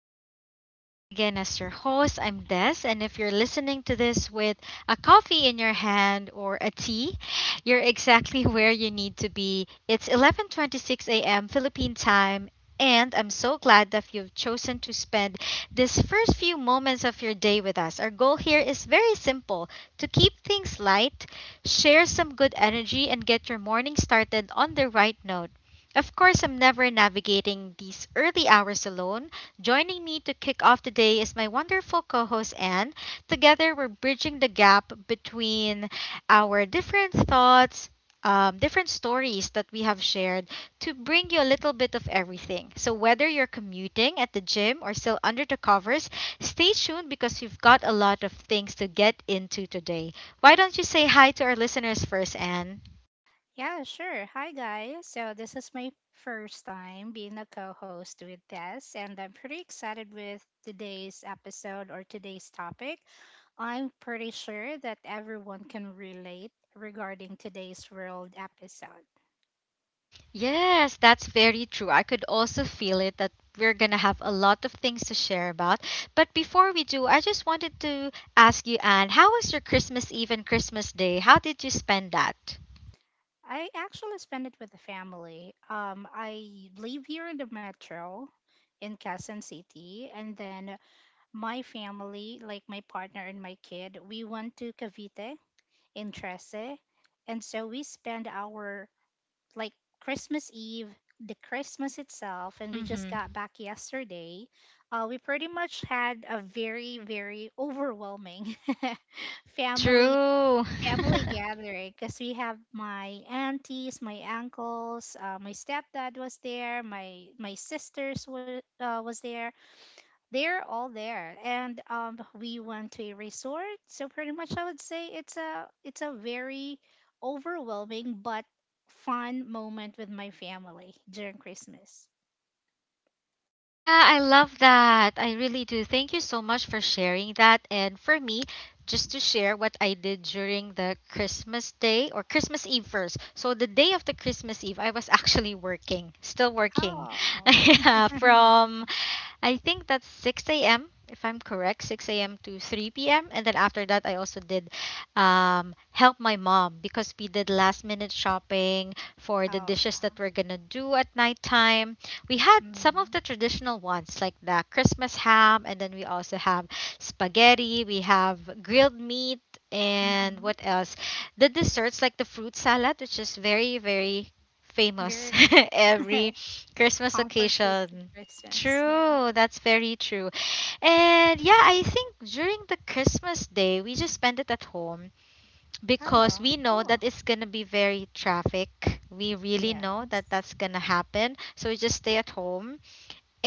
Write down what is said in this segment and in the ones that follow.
everyone. I'm back again as your host. I'm Des, and if you're listening to this with a coffee in your hand or a tea, you're exactly where you need to be. It's 11:26 a.m. Philippine time, and I'm so glad that you've chosen to spend this first few moments of your day with us. Our goal here is very simple: to keep things light, share some good energy, and get your morning started on the right note. Of course, I'm never navigating these early hours alone. Joining me to kick off the day is my wonderful co host, Anne. Together, we're bridging the gap between our different thoughts, different stories that we have shared to bring you a little bit of everything. So, whether you're commuting at the gym or still under the covers, stay tuned because we've got a lot of things to get into today. Why don't you say hi to our listeners first, Anne? Yeah, sure. Hi, guys. So, this is my first time being a co host with Tess, and I'm pretty excited with today's episode or today's topic. I'm pretty sure that everyone can relate regarding today's world episode. Yes, that's very true. I could also feel it that we're going to have a lot of things to share about. But before we do, I just wanted to ask you, Anne, how was your Christmas Eve and Christmas Day? How did you spend that? I actually spent it with the family. I live here in the metro in Quezon City, and then my family, like my partner and my kid, we went to Cavite in Trece. And so we spend our like Christmas Eve, the Christmas itself, and we just Mm-hmm. got back yesterday. We pretty much had a very, very overwhelming family True. family gathering because we have my aunties, my uncles, my stepdad was there, my sisters were was there, they're all there and we went to a resort. So pretty much I would say it's a very overwhelming but fun moment with my family during Christmas. Yeah, I love that. I really do. Thank you so much for sharing that. And for me, just to share what I did during the Christmas day or Christmas Eve first. So the day of the Christmas Eve, I was actually working, still working. Oh. Yeah, from I think that's 6 a.m. if I'm correct, 6 a.m. to 3 p.m. And then after that, I also did help my mom because we did last minute shopping for the Oh dishes yeah. that we're gonna do at nighttime. We had some Mm-hmm. of the traditional ones like the Christmas ham, and then we also have spaghetti, we have grilled meat, and Mm-hmm. what else? The desserts like the fruit salad, which is very, very famous Very, every Christmas comfort food for occasion. Christmas, yeah. True, that's very true. And yeah, I think during the Christmas day, we just spent it at home because Oh, we know cool. that it's going to be very traffic. We really know that Yes. that's going to happen. So we just stay at home.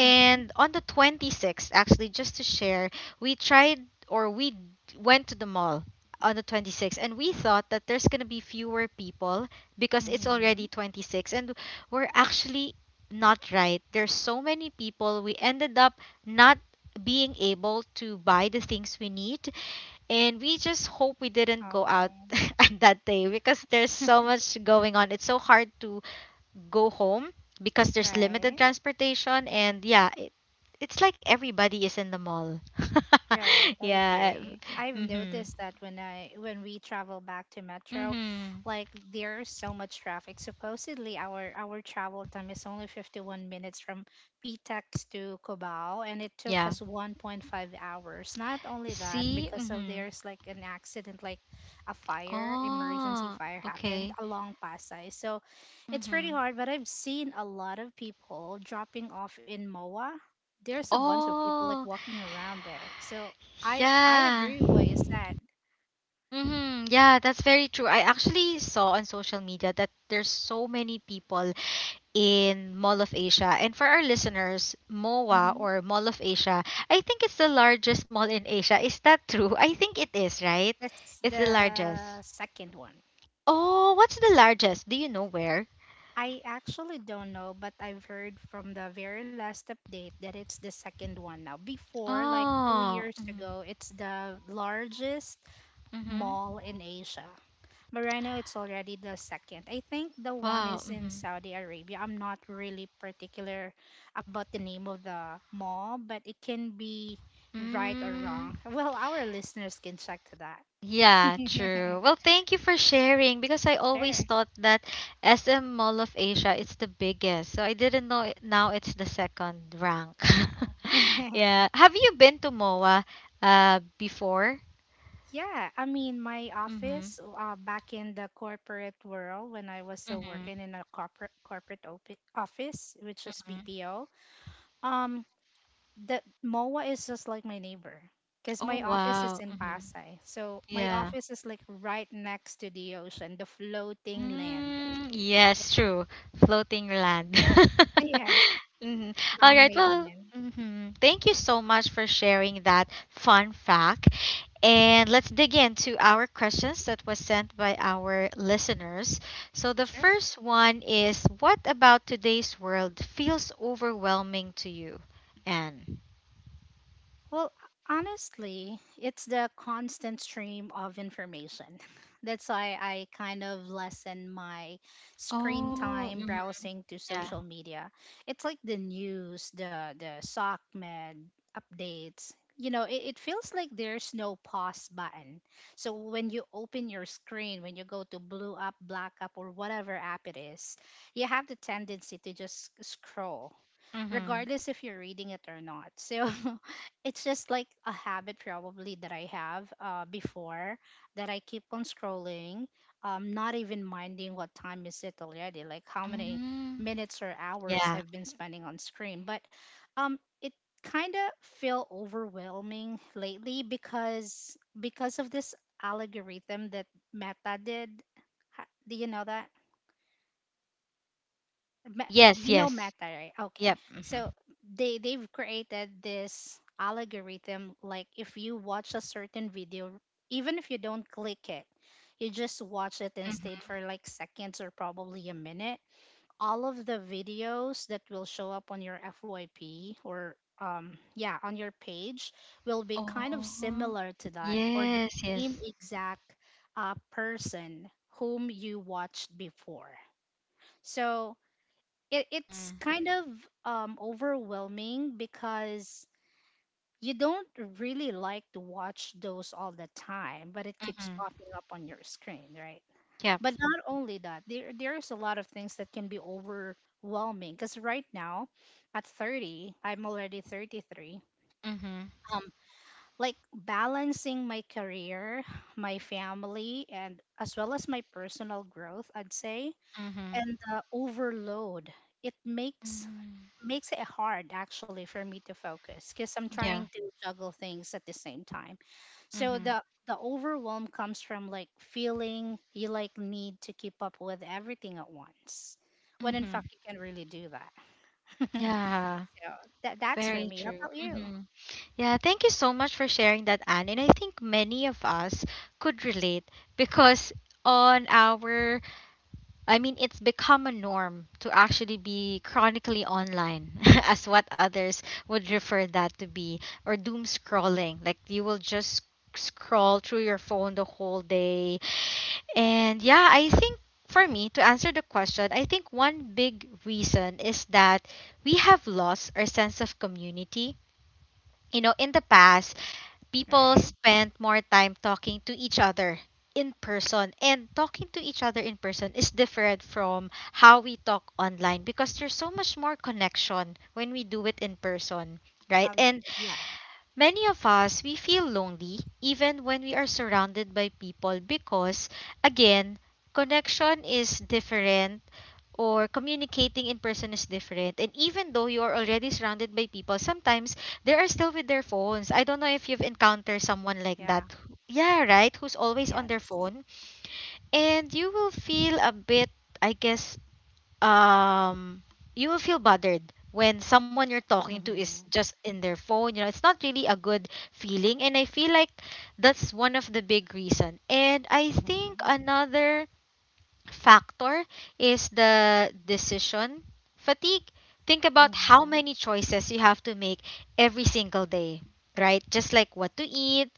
Mm-hmm. on the 26th, actually, just to share, we tried or we went to the mall on the 26th and we thought that there's going to be fewer people because it's Mm-hmm. already 26 and we're actually not right. There's so many people. We ended up not being able to buy the things we need and we just hope we didn't go out Oh. on that day because there's so much going on. It's so hard to go home because there's limited Right. transportation. And it's like everybody is in the mall. Right, I Yeah. agree. I've Mm-hmm. noticed that when we travel back to Metro, Mm-hmm. like there's so much traffic. Supposedly our travel time is only 51 minutes from Pitex to Cubao, and it took Yeah. us 1.5 hours. Not only that, See? because of Mm-hmm. there's like an accident, like a fire, emergency Oh, fire happened okay. along Pasay. So it's pretty Mm-hmm. hard, but I've seen a lot of people dropping off in MOA. There's a bunch of people like Oh, walking around there. So I yeah. agree with what you said. Mm-hmm. Yeah, that's very true. I actually saw on social media that there's so many people in Mall of Asia. And for our listeners, MOA Hmm. or Mall of Asia, I think it's the largest mall in Asia. Is that true? I think it is, right? That's It's the largest. the second one. Oh, what's the largest? Do you know where? I actually don't know, but I've heard from the very last update that it's the second one now. Before, like two Oh. years Mm-hmm. ago, it's the largest Mm-hmm. mall in Asia. Moreno, it's already the second. I think the one Wow. is in Mm-hmm. Saudi Arabia. I'm not really particular about the name of the mall, but it can be right or Mm. wrong. Well, our listeners can check to that. Yeah, true. Well, thank you for sharing because I always Sure. thought that SM Mall of Asia is the biggest. So I didn't know it, now it's the second rank. Yeah. Yeah. Have you been to MOA before? Yeah. I mean, my Mhm. office back in the corporate world when I was still Mhm. working in a corporate office, which was Mhm. BPO. Um, That MOA is just like my neighbor because Oh, my office is wow. in Mhm. Pasay. So my Yeah. office is like right next to the ocean, the floating land. Mm, yes, true. Floating land. Yes, Mhm. All right. man-made Well, land. mhm, thank you so much for sharing that fun fact. And let's dig into our questions that was sent by our listeners. So the Sure. first one is, what about today's world feels overwhelming to you, Anne? Well, honestly, it's the constant stream of information. That's why I kind of lessen my screen Oh, time mhm, browsing to yeah. social media. It's like the news, the sock med updates. It feels like there's no pause button. So when you open your screen, when you go to blue up, black up, or whatever app it is, you have the tendency to just scroll Mm-hmm. regardless if you're reading it or not. So it's just like a habit probably that I have before, that I keep on scrolling, not even minding what time is it already, like how many Mm-hmm. minutes or hours Yeah. I've been spending on screen. But it kind of feel overwhelming lately because of this algorithm that Meta did. Do you know that? Yes. You know Meta, Yes. right? Okay. Yep. So Mm-hmm. they've created this algorithm. Like if you watch a certain video, even if you don't click it, you just watch it instead for like seconds or probably a minute, all of the videos that will show up on your FYP or yeah, on your page will be kind of Oh, similar to that or the yes, same yes. exact person whom you watched before. So it's Mm-hmm. kind of overwhelming because you don't really like to watch those all the time, but it keeps Mm-hmm. popping up on your screen, right? Yep. But not only that, there's a lot of things that can be overwhelming because right now, at 30, I'm already 33. Mm-hmm. Um, like balancing my career, my family, and as well as my personal growth, I'd say, Mm-hmm. and the overload, it makes Mm. makes it hard actually for me to focus because I'm Yeah. trying to juggle things at the same time. So Mm-hmm. the overwhelm comes from like feeling you like need to keep up with everything at once, when in Mm-hmm. fact you can really do that. So Yeah. that's for Very me. How true. about you? Mm-hmm. Yeah, thank you so much for sharing that, Anne. And I think many of us could relate because on our I mean, it's become a norm to actually be chronically online, as what others would refer that to be, or doom scrolling. Like you will just scroll through your phone the whole day. And yeah, I think for me, to answer the question, I think one big reason is that we have lost our sense of community. You know, in the past, people Right? spend more time talking to each other in person, and talking to each other in person is different from how we talk online because there's so much more connection when we do it in person, right? How you? And Yeah. many of us, we feel lonely even when we are surrounded by people because, again, connection is different or communicating in person is different. And even though you are already surrounded by people, sometimes they are still with their phones. I don't know if you've encountered someone like Yeah. that. Yeah, right? Who's always on their Yes. phone. And you will feel a bit, I guess, um, you will feel bothered when someone you're talking to is Mm-hmm. just in their phone. You know, it's not really a good feeling. And I feel like that's one of the big reason. And I think Mm-hmm. another factor is the decision fatigue. Think about how many choices you have to make every single day, right? Just like what to eat,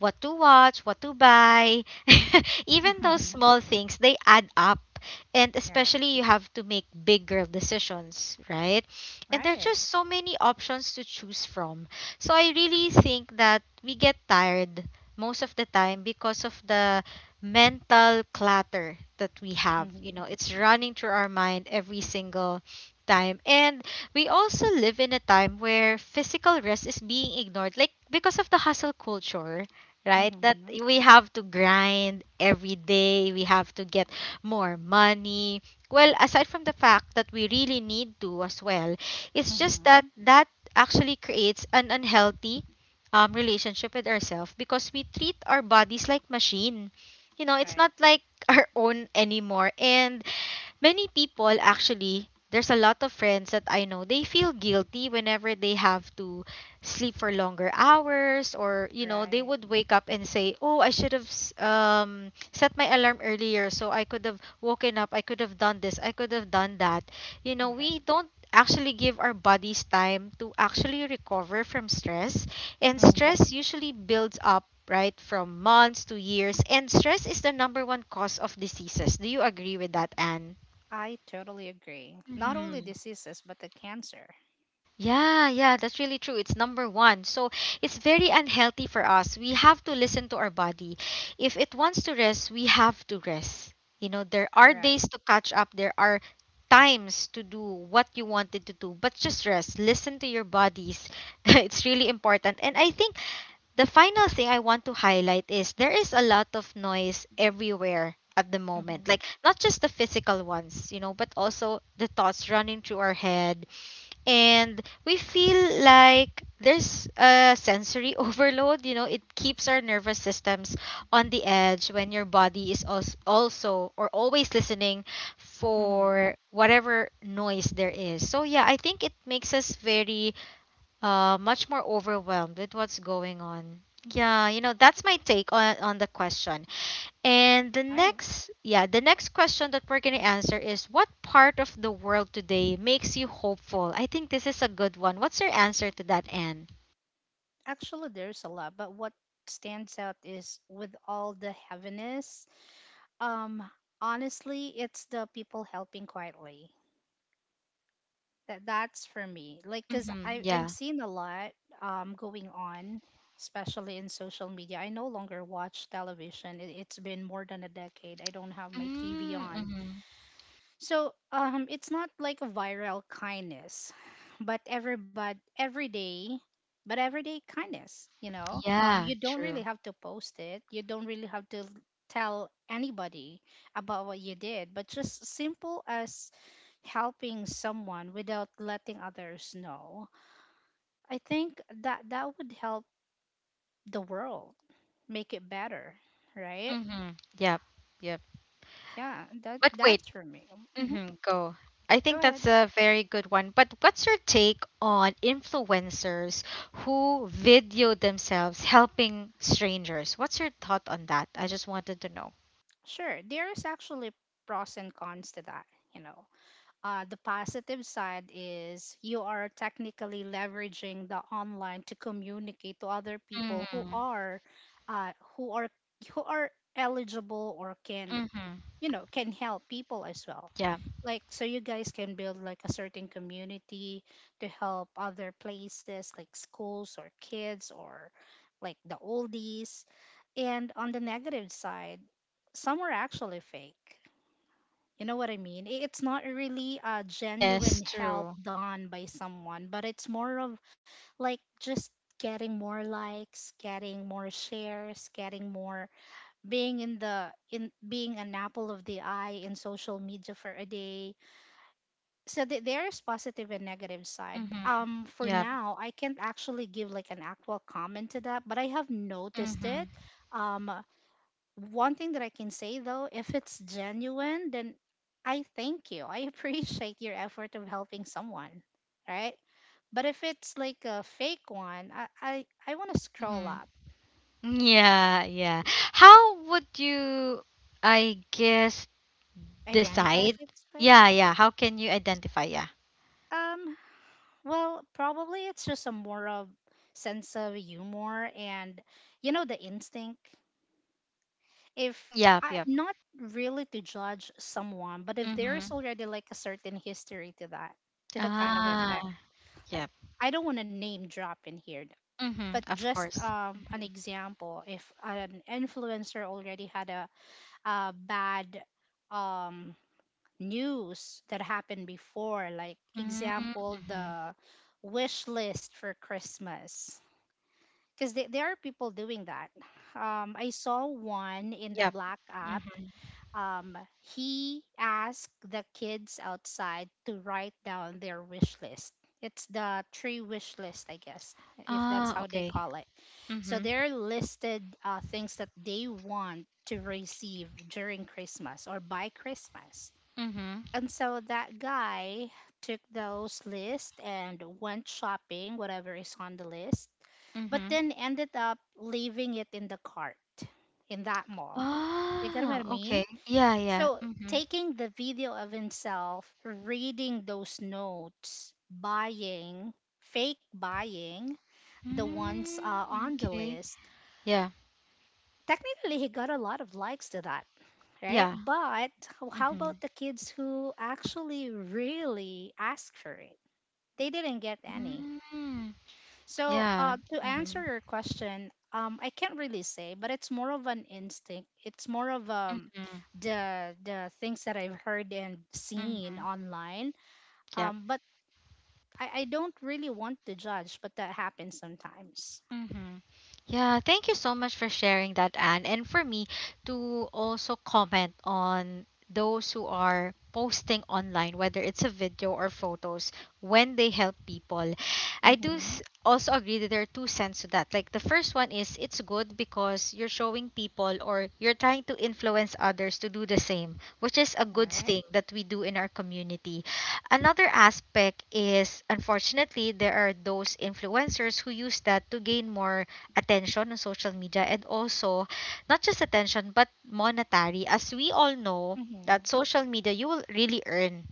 what to watch, what to buy. Even those Mm-hmm. small things, they add up. And Right. especially you have to make big girl decisions, right? And there are Right. just so many options to choose from. So I really think that we get tired most of the time because of the mental clutter that we have. You know, Mm-hmm. it's running through our mind every single time. And we also live in a time where physical rest is being ignored like because of the hustle culture, right? That Mm-hmm. we have to grind every day, we have to get more money. Well, aside from the fact that we really need to as well, it's just that Mm-hmm. that actually creates an unhealthy relationship with ourselves because we treat our bodies like machine. You know, it's Right. not like our own anymore. And many people actually, there's a lot of friends that I know, they feel guilty whenever they have to sleep for longer hours or, you know, they Right. would wake up and say, "Oh, I should have set my alarm earlier so I could have woken up, I could have done this, I could have done that." You know, we Right. don't actually give our bodies time to actually recover from stress, and Mm-hmm. stress usually builds up right from months to years, and stress is the number one cause of diseases. Do you agree with that, Anne? I totally agree. Not only Mm-hmm. diseases, but the cancer. Yeah, yeah, that's really true. It's number one. So Uh, it's very unhealthy for us. We have to listen to our body. If it wants to rest, we have to rest. You know, there are Correct. days to catch up, there are times to do what you wanted to do, but just rest. Listen to your bodies. It's really important. And I think the final thing I want to highlight is there is a lot of noise everywhere at the moment. Hmm. Like not just the physical ones, you know, but also the thoughts running through our head, and we feel like there's a sensory overload. You know, it keeps our nervous systems on the edge when your body is also or always listening Hmm. for whatever noise there is. So yeah, I think it makes us very much more overwhelmed with what's going on. Yeah, you know, that's my take on the question. And the Right. next, yeah, the next question that we're going to answer is, what part of the world today makes you hopeful? I think this is a good one. What's your answer to that, Anne? Actually, there's a lot, but what stands out is with all the heaviness, um, honestly, it's the people helping quietly. That's for me. Like, cause I Mm-hmm. I've Yeah. seen a lot going on, especially in social media. I no longer watch television. It's been more than a decade. I don't have my TV on. Mm-hmm. So it's not like a viral kindness, but everyday kindness. You know, Yeah, you don't really true. have to post it. You don't really have to tell anybody about what you did, but just simple as helping someone without letting others know. I think that that would help the world make it better, right? Mm-hmm. Yep. Yep. Yeah, that But wait. that's for me. Hmm. Mm-hmm. Go. I think Go ahead. that's a very good one. But what's your take on influencers who video themselves helping strangers? What's your thought on that? I just wanted to know. Sure, there is actually pros and cons to that. You know, the positive side is you are technically leveraging the online to communicate to other people Mm-hmm. Uh, who are who are eligible or can, you know, can help people as well. Yeah. Like so, you guys can build like a certain community to help other places like schools or kids or like the oldies. And on the negative side, some are actually fake. You know what I mean? It's not really a genuine Yes, help true. done by someone, but it's more of like just getting more likes, getting more shares, getting more being in the in being an apple of the eye in social media for a day. So there's positive and negative side. Mhm. For Yeah. now, I can't actually give like an actual comment to that, but I have noticed it. Mhm. um One thing that I can say though, if it's genuine, then I thank you. I appreciate your effort of helping someone, right? But if it's like a fake one, I want to scroll Mhm. up. Yeah, yeah. Yeah, How would you, I guess, identify if decide? it's fake. Yeah, yeah. How can you identify? Yeah. Um, well, probably it's just a more of sense of humor and you know the instinct. If Mm, yep, I'm yep. not really to judge someone, but if there is Mhm. already like a certain history to that, to the kind of Ah, effect. I, yep. I don't want to name drop in here, but Mhm. Of just course. An example if an influencer already had a bad um, news that happened before, like Mm. example, Mhm. the wish list for Christmas. Because there are people doing that. I saw one in the Yep. Black app. Mhm. um, he asked the kids outside to write down their wish list. It's the tree wish list, I guess, if that's Ah, how they okay. call it. So Mhm. they're listed things that they want to receive during Christmas or by Christmas. Mhm. And so that guy took those lists and went shopping, whatever is on the list, but Mhm. then ended up leaving it in the cart in that mall. You get what I Ah, mean? okay. Yeah, yeah. So, Mhm. taking the video of himself reading those notes, buying, fake buying the ones Mm, on the okay. list, Yeah. technically he got a lot of likes to that, right? Yeah. But how Mm-hmm. about the kids who actually really asked for it? They didn't get any. Mm, So, yeah. to answer Mm-hmm. your question, I can't really say, but it's more of an instinct. It's more of Mm-hmm. the things that I've heard and seen Mm-hmm. online. Yep. But I don't really want to judge, but that happens sometimes. Mm-hmm. Yeah, thank you so much for sharing that, Anne. And for me to also comment on those who are posting online, whether it's a video or photos, when they help people, I do Mm-hmm. Also agree that there are two cents to that. Like the first one is it's good because you're showing people or you're trying to influence others to do the same, which is a good Right? thing that we do in our community. Another aspect is, unfortunately, there are those influencers who use that to gain more attention on social media and also not just attention but monetary. As we all know, that Mm-hmm. social media you will really earn,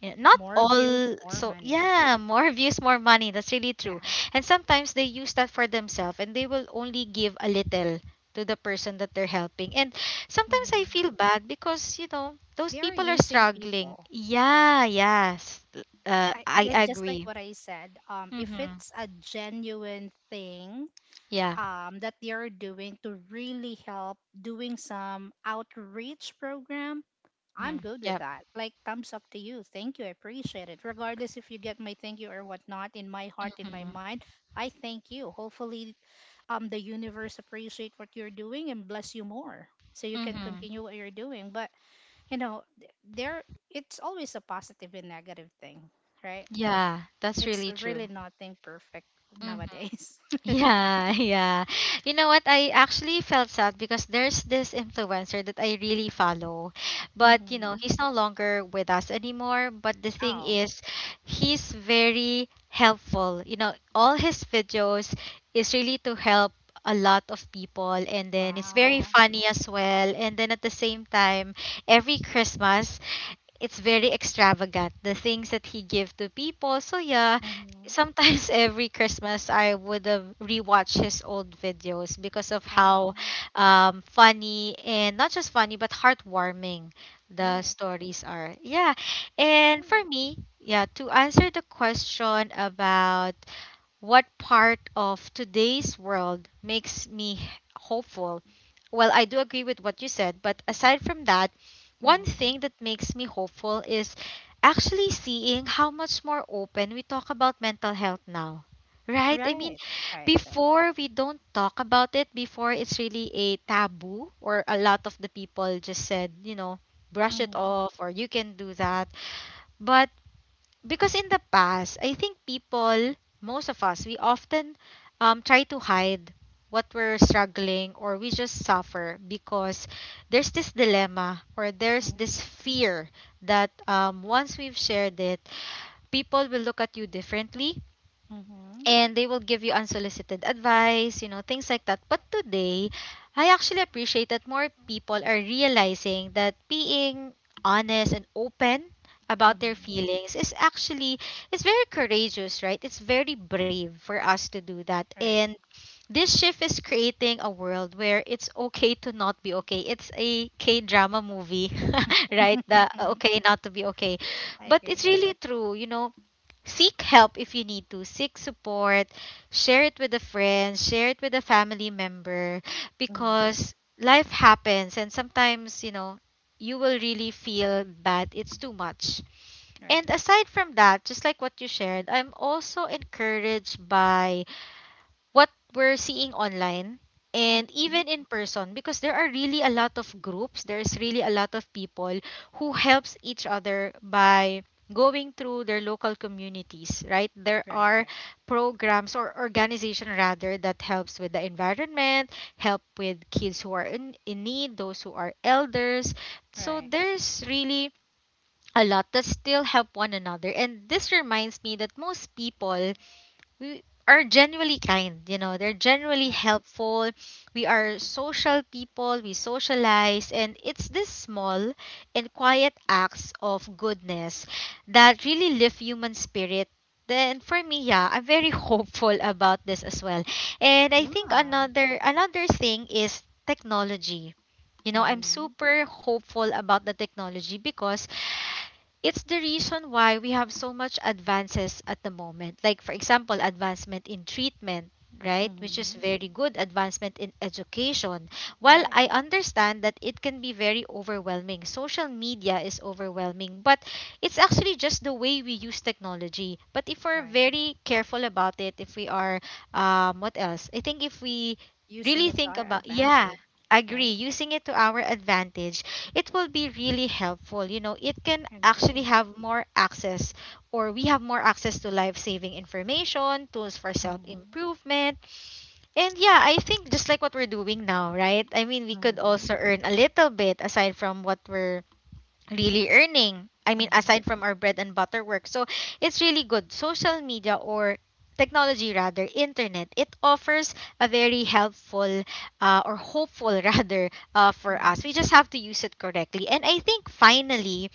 yeah, not More views, all, more so money. yeah, more views more money, that's really true. Yeah. And sometimes they use that for themselves and they will only give a little to the person that they're helping. And sometimes I Mm-hmm. feel bad because those They are people are using struggling, people. yeah, yes. uh, i Just like agree. what I said, if Mm-hmm. it's a genuine thing, Yeah. That they are doing to really help doing some outreach program, I'm Mm-hmm. good with Yep. that. Like thumbs up to you. Thank you. I appreciate it. Regardless if you get my thank you or whatnot, in my heart, in my Mm-hmm. mind, I thank you. Hopefully, the universe appreciate what you're doing and bless you more, so you can Mm-hmm. continue what you're doing. But you know, there it's always a positive and negative thing, right? Yeah, that's It's really true. really nothing perfect Mm-hmm. nowadays. Yeah, yeah. You know what? I actually felt sad because there's this influencer that I really follow. But, you know, Hmm. he's no longer with us anymore. But the thing Oh. is, he's very helpful. You know, all his videos is really to help a lot of people. And then it's very Wow. funny as well. And then at the same time, every Christmas, it's very extravagant the things that he give to people, so yeah, Mm-hmm. sometimes every Christmas I would have rewatched his old videos because of Oh. how funny, and not just funny but heartwarming the Right. stories are, yeah. And for Cool. me, yeah, to answer the question about what part of today's world makes me hopeful? Well, I do agree with what you said, but aside from that, one Mm-hmm. thing that makes me hopeful is actually seeing how much more open we talk about mental health now. Right? I mean, Right. Right. Right. before we don't talk about it, before it's really a taboo, or a lot of the people just said, you know, brush it Mm-hmm. off, or you can do that. But because in the past, I think people, most of us, we often try to hide what we're struggling, or we just suffer because there's this dilemma or there's Mm-hmm. this fear that once we've shared it, people will look at you differently Mm-hmm. and they will give you unsolicited advice, you know, things like that. But today, I actually appreciate that more people are realizing that being honest and open about their Mm-hmm. feelings is actually it's very courageous, right? It's very brave for us to do that. Right. And this shift is creating a world where it's okay to not be okay. It's a K drama movie, right? The okay not to be okay. I But it's agree. really true, you know, seek help if you need to, seek support, share it with a friend, share it with a family member, Mm-hmm. because life happens and sometimes, you know, you will really feel bad, it's too much. And Right. aside from that, just like what you shared, I'm also encouraged by what we're seeing online and Mm-hmm. even in person, because there are really a lot of groups, there's really a lot of people who helps each other by going through their local communities. Right, there Right. are Right. programs or organization rather that helps with the environment, help with kids who are in need, those who are elders, so Right. there's really a lot that still help one another. And this reminds me that most people, we are genuinely kind, you know, they're genuinely Right. helpful. We are social people, we socialize, and it's these small and quiet acts of goodness that really lift human spirit. Then for me, yeah, I'm very hopeful about this as well. And I think Yeah. another thing is technology. You know, I'm Mm-hmm. super hopeful about the technology because it's the reason why we have so much advances at the moment, like for example advancement in treatment, right, which is Mm-hmm. very good, advancement in education. While Right. I understand that it can be very overwhelming, social media is overwhelming, but it's actually just the way we use technology. But if we're Right. very careful about it, if we are what else, I think if we really Using it to think our about, yeah, advantage. agree, Right. using it to our advantage, it will be really helpful. You know, it can actually Agree. have more access, or we have more access to life saving information, tools for self Mm-hmm. improvement. And yeah, I think just like what we're doing now, right? I mean, we could Mm-hmm. also earn a little bit aside from what we're really earning. I mean, Mm-hmm. aside from our bread and butter work. So it's really good. Social media or technology rather, internet, it offers a very helpful or hopeful rather for us. Mm-hmm. We just have to use it correctly. And I think finally,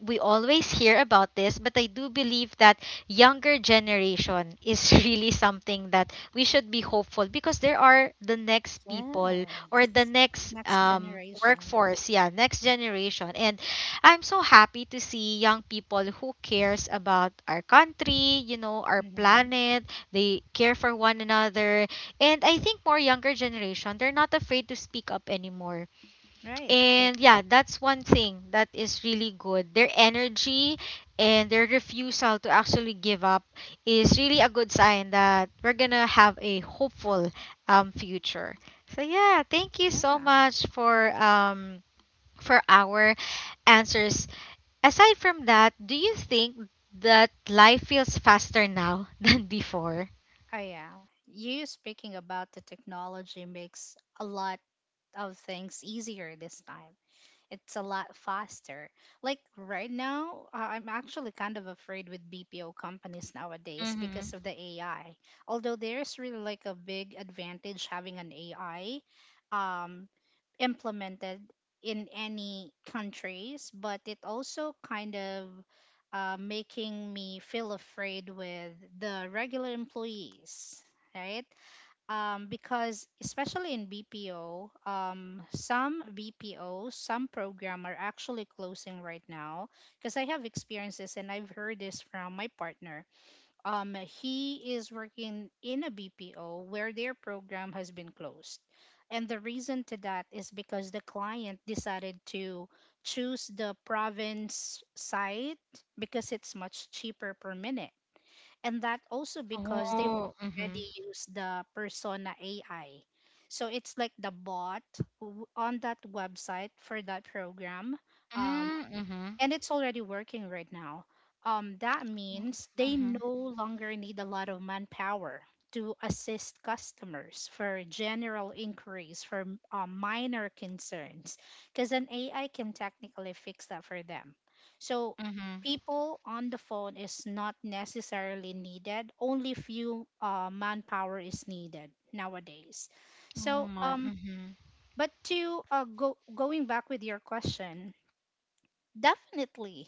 we always hear about this, but I do believe that younger generation is really something that we should be hopeful because there are the next people, or the Yes. next Next generation. workforce, yeah, next generation. And I'm so happy to see young people who cares about our country, you know, our Mm-hmm. planet. They care for one another. And I think more younger generation, they're not afraid to speak up anymore, Right. And yeah, that's one thing that is really good. Their energy and their refusal to actually give up is really a good sign that we're gonna have a hopeful future. So yeah, thank you so yeah. much for our answers. Aside from that, do you think that life feels faster now than before? Oh, yeah. You speaking about the technology makes a lot of things easier this time. It's a lot faster. Like right now, I'm actually kind of afraid with BPO companies nowadays Mm-hmm. because of the AI. Although there's really like a big advantage having an AI. Um, Implemented in any countries, but it also kind of making me feel afraid with the regular employees, right? Because especially in BPO, some BPOs, some program are actually closing right now. Because I have experiences and I've heard this from my partner he is working in a BPO where their program has been closed. And the reason to that is because the client decided to choose the province site because it's much cheaper per minute. And that also because they've Oh, mm-hmm. already used the Persona AI. So it's like the bot on that website for that program. Um, Mm-hmm. and it's already working right now. That means they Mm-hmm. no longer need a lot of manpower to assist customers for general inquiries, for minor concerns, because an AI can technically fix that for them. So Mm-hmm. people on the phone is not necessarily needed. Only few manpower is needed nowadays. Oh So, my. Mm-hmm. but to go going back with your question, definitely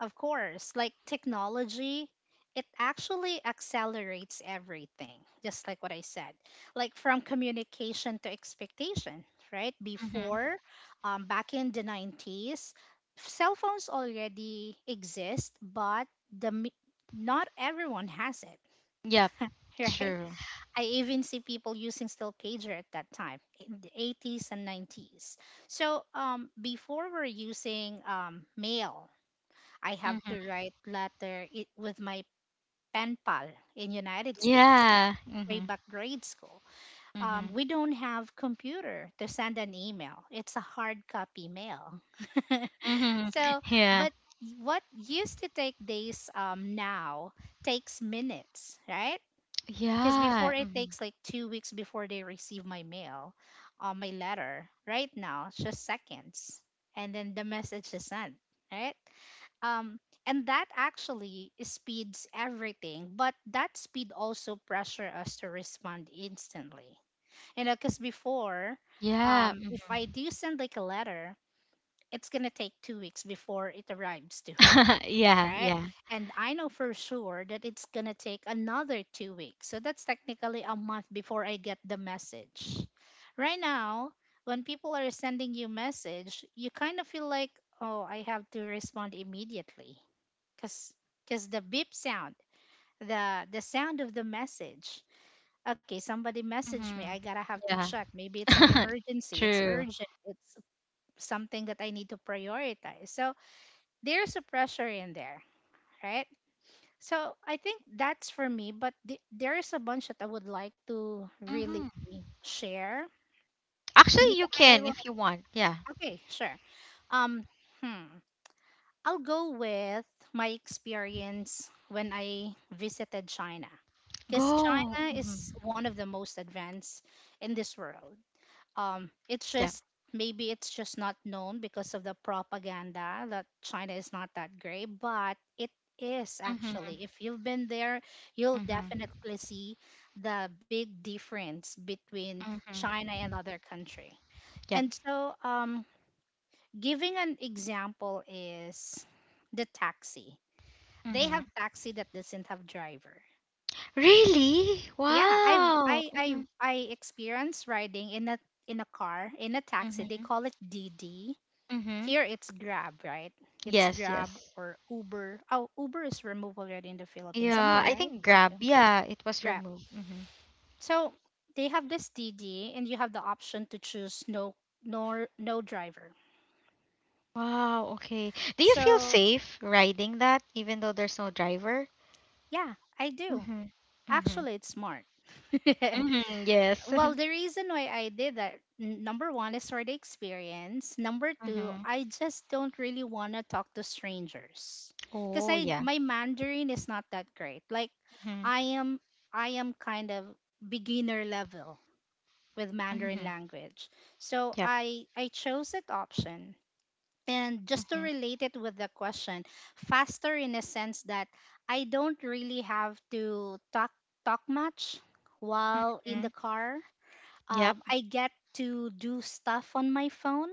of course, like technology, it actually accelerates everything, just like what I said, like from communication to expectation, right? Mm-hmm. Before, back in the 90s, cell phones already exist, but the mi- not everyone has it, Yep, right? true. I even see people using still pager at that time in the 80s and 90s. So before we're using mail. I have to Mm-hmm. write with my pen pal in United States, Yeah. way Mm-hmm. back grade school. Mm-hmm. We don't have computer to send an email. It's a hard copy mail. Mm-hmm. So, Yeah. but what used to take days now takes minutes, right? Because before Yeah. it Mm-hmm. takes like 2 weeks before they receive my mail, my letter. Right now, it's just seconds, and then the message is sent, right? um and that actually speeds everything, but that speed also pressure us to respond instantly, because before, Yeah. If Mm-hmm. I do send like a letter, it's gonna take 2 weeks before it arrives to her, Yeah, right? yeah. And I know for sure that it's gonna take another 2 weeks, so that's technically a month before I get the message. Right now, when people are sending you message, you kind of feel like, oh, I have to respond immediately, cause cause the beep sound, the sound of the message. Okay, somebody messaged me. Mm-hmm. I gotta have to check. Maybe it's an Yeah. emergency. It's True. urgent. It's something that I need to prioritize. So there's a pressure in there, right? So I think that's for me. But there is a bunch that I would like to really Mm-hmm. share. Actually, Maybe you I can will. if you want. Yeah. Okay, sure. Um, hmm. I'll go with my experience when I visited China. Because Go. China Mm-hmm. is one of the most advanced in this world. It's Yeah. just maybe it's just not known because of the propaganda that China is not that great, but it is Mm-hmm. actually. If you've been there, you'll Mm-hmm. definitely see the big difference between Mm-hmm. China and other country. Yep. And so, giving an example is the taxi. They Mm-hmm. have taxi that doesn't have driver. Really? Yeah, I've Wow. Mm-hmm. I experienced riding in a taxi. They Mm-hmm. call it DD. Mm-hmm. Here it's Grab, right? It's Yes, Grab yes. or Uber. Oh, Uber is removed already in the Philippines. Am I Yeah, I right? think Grab. Okay, Yeah, it was Grab. removed. Hmm. So they have this DD, and you have the option to choose no driver. Wow, okay. Do you feel So safe riding that even though there's no driver? yeah, I do. Mm-hmm. Mm-hmm. Actually, it's smart. Mm-hmm. Yes. Well, the reason why I did that, number one is for the experience. Number two, Mm-hmm. I just don't really want to talk to strangers because Oh, I yeah. my Mandarin is not that great. Like, Mm-hmm. I am I am kind of beginner level with Mm-hmm. Mandarin language, Yep. so I chose that option. And just to Mm-hmm. relate it with the question, faster in a sense that I don't really have to talk much while in Mm-hmm. the car. Yep. I get to do stuff on my phone.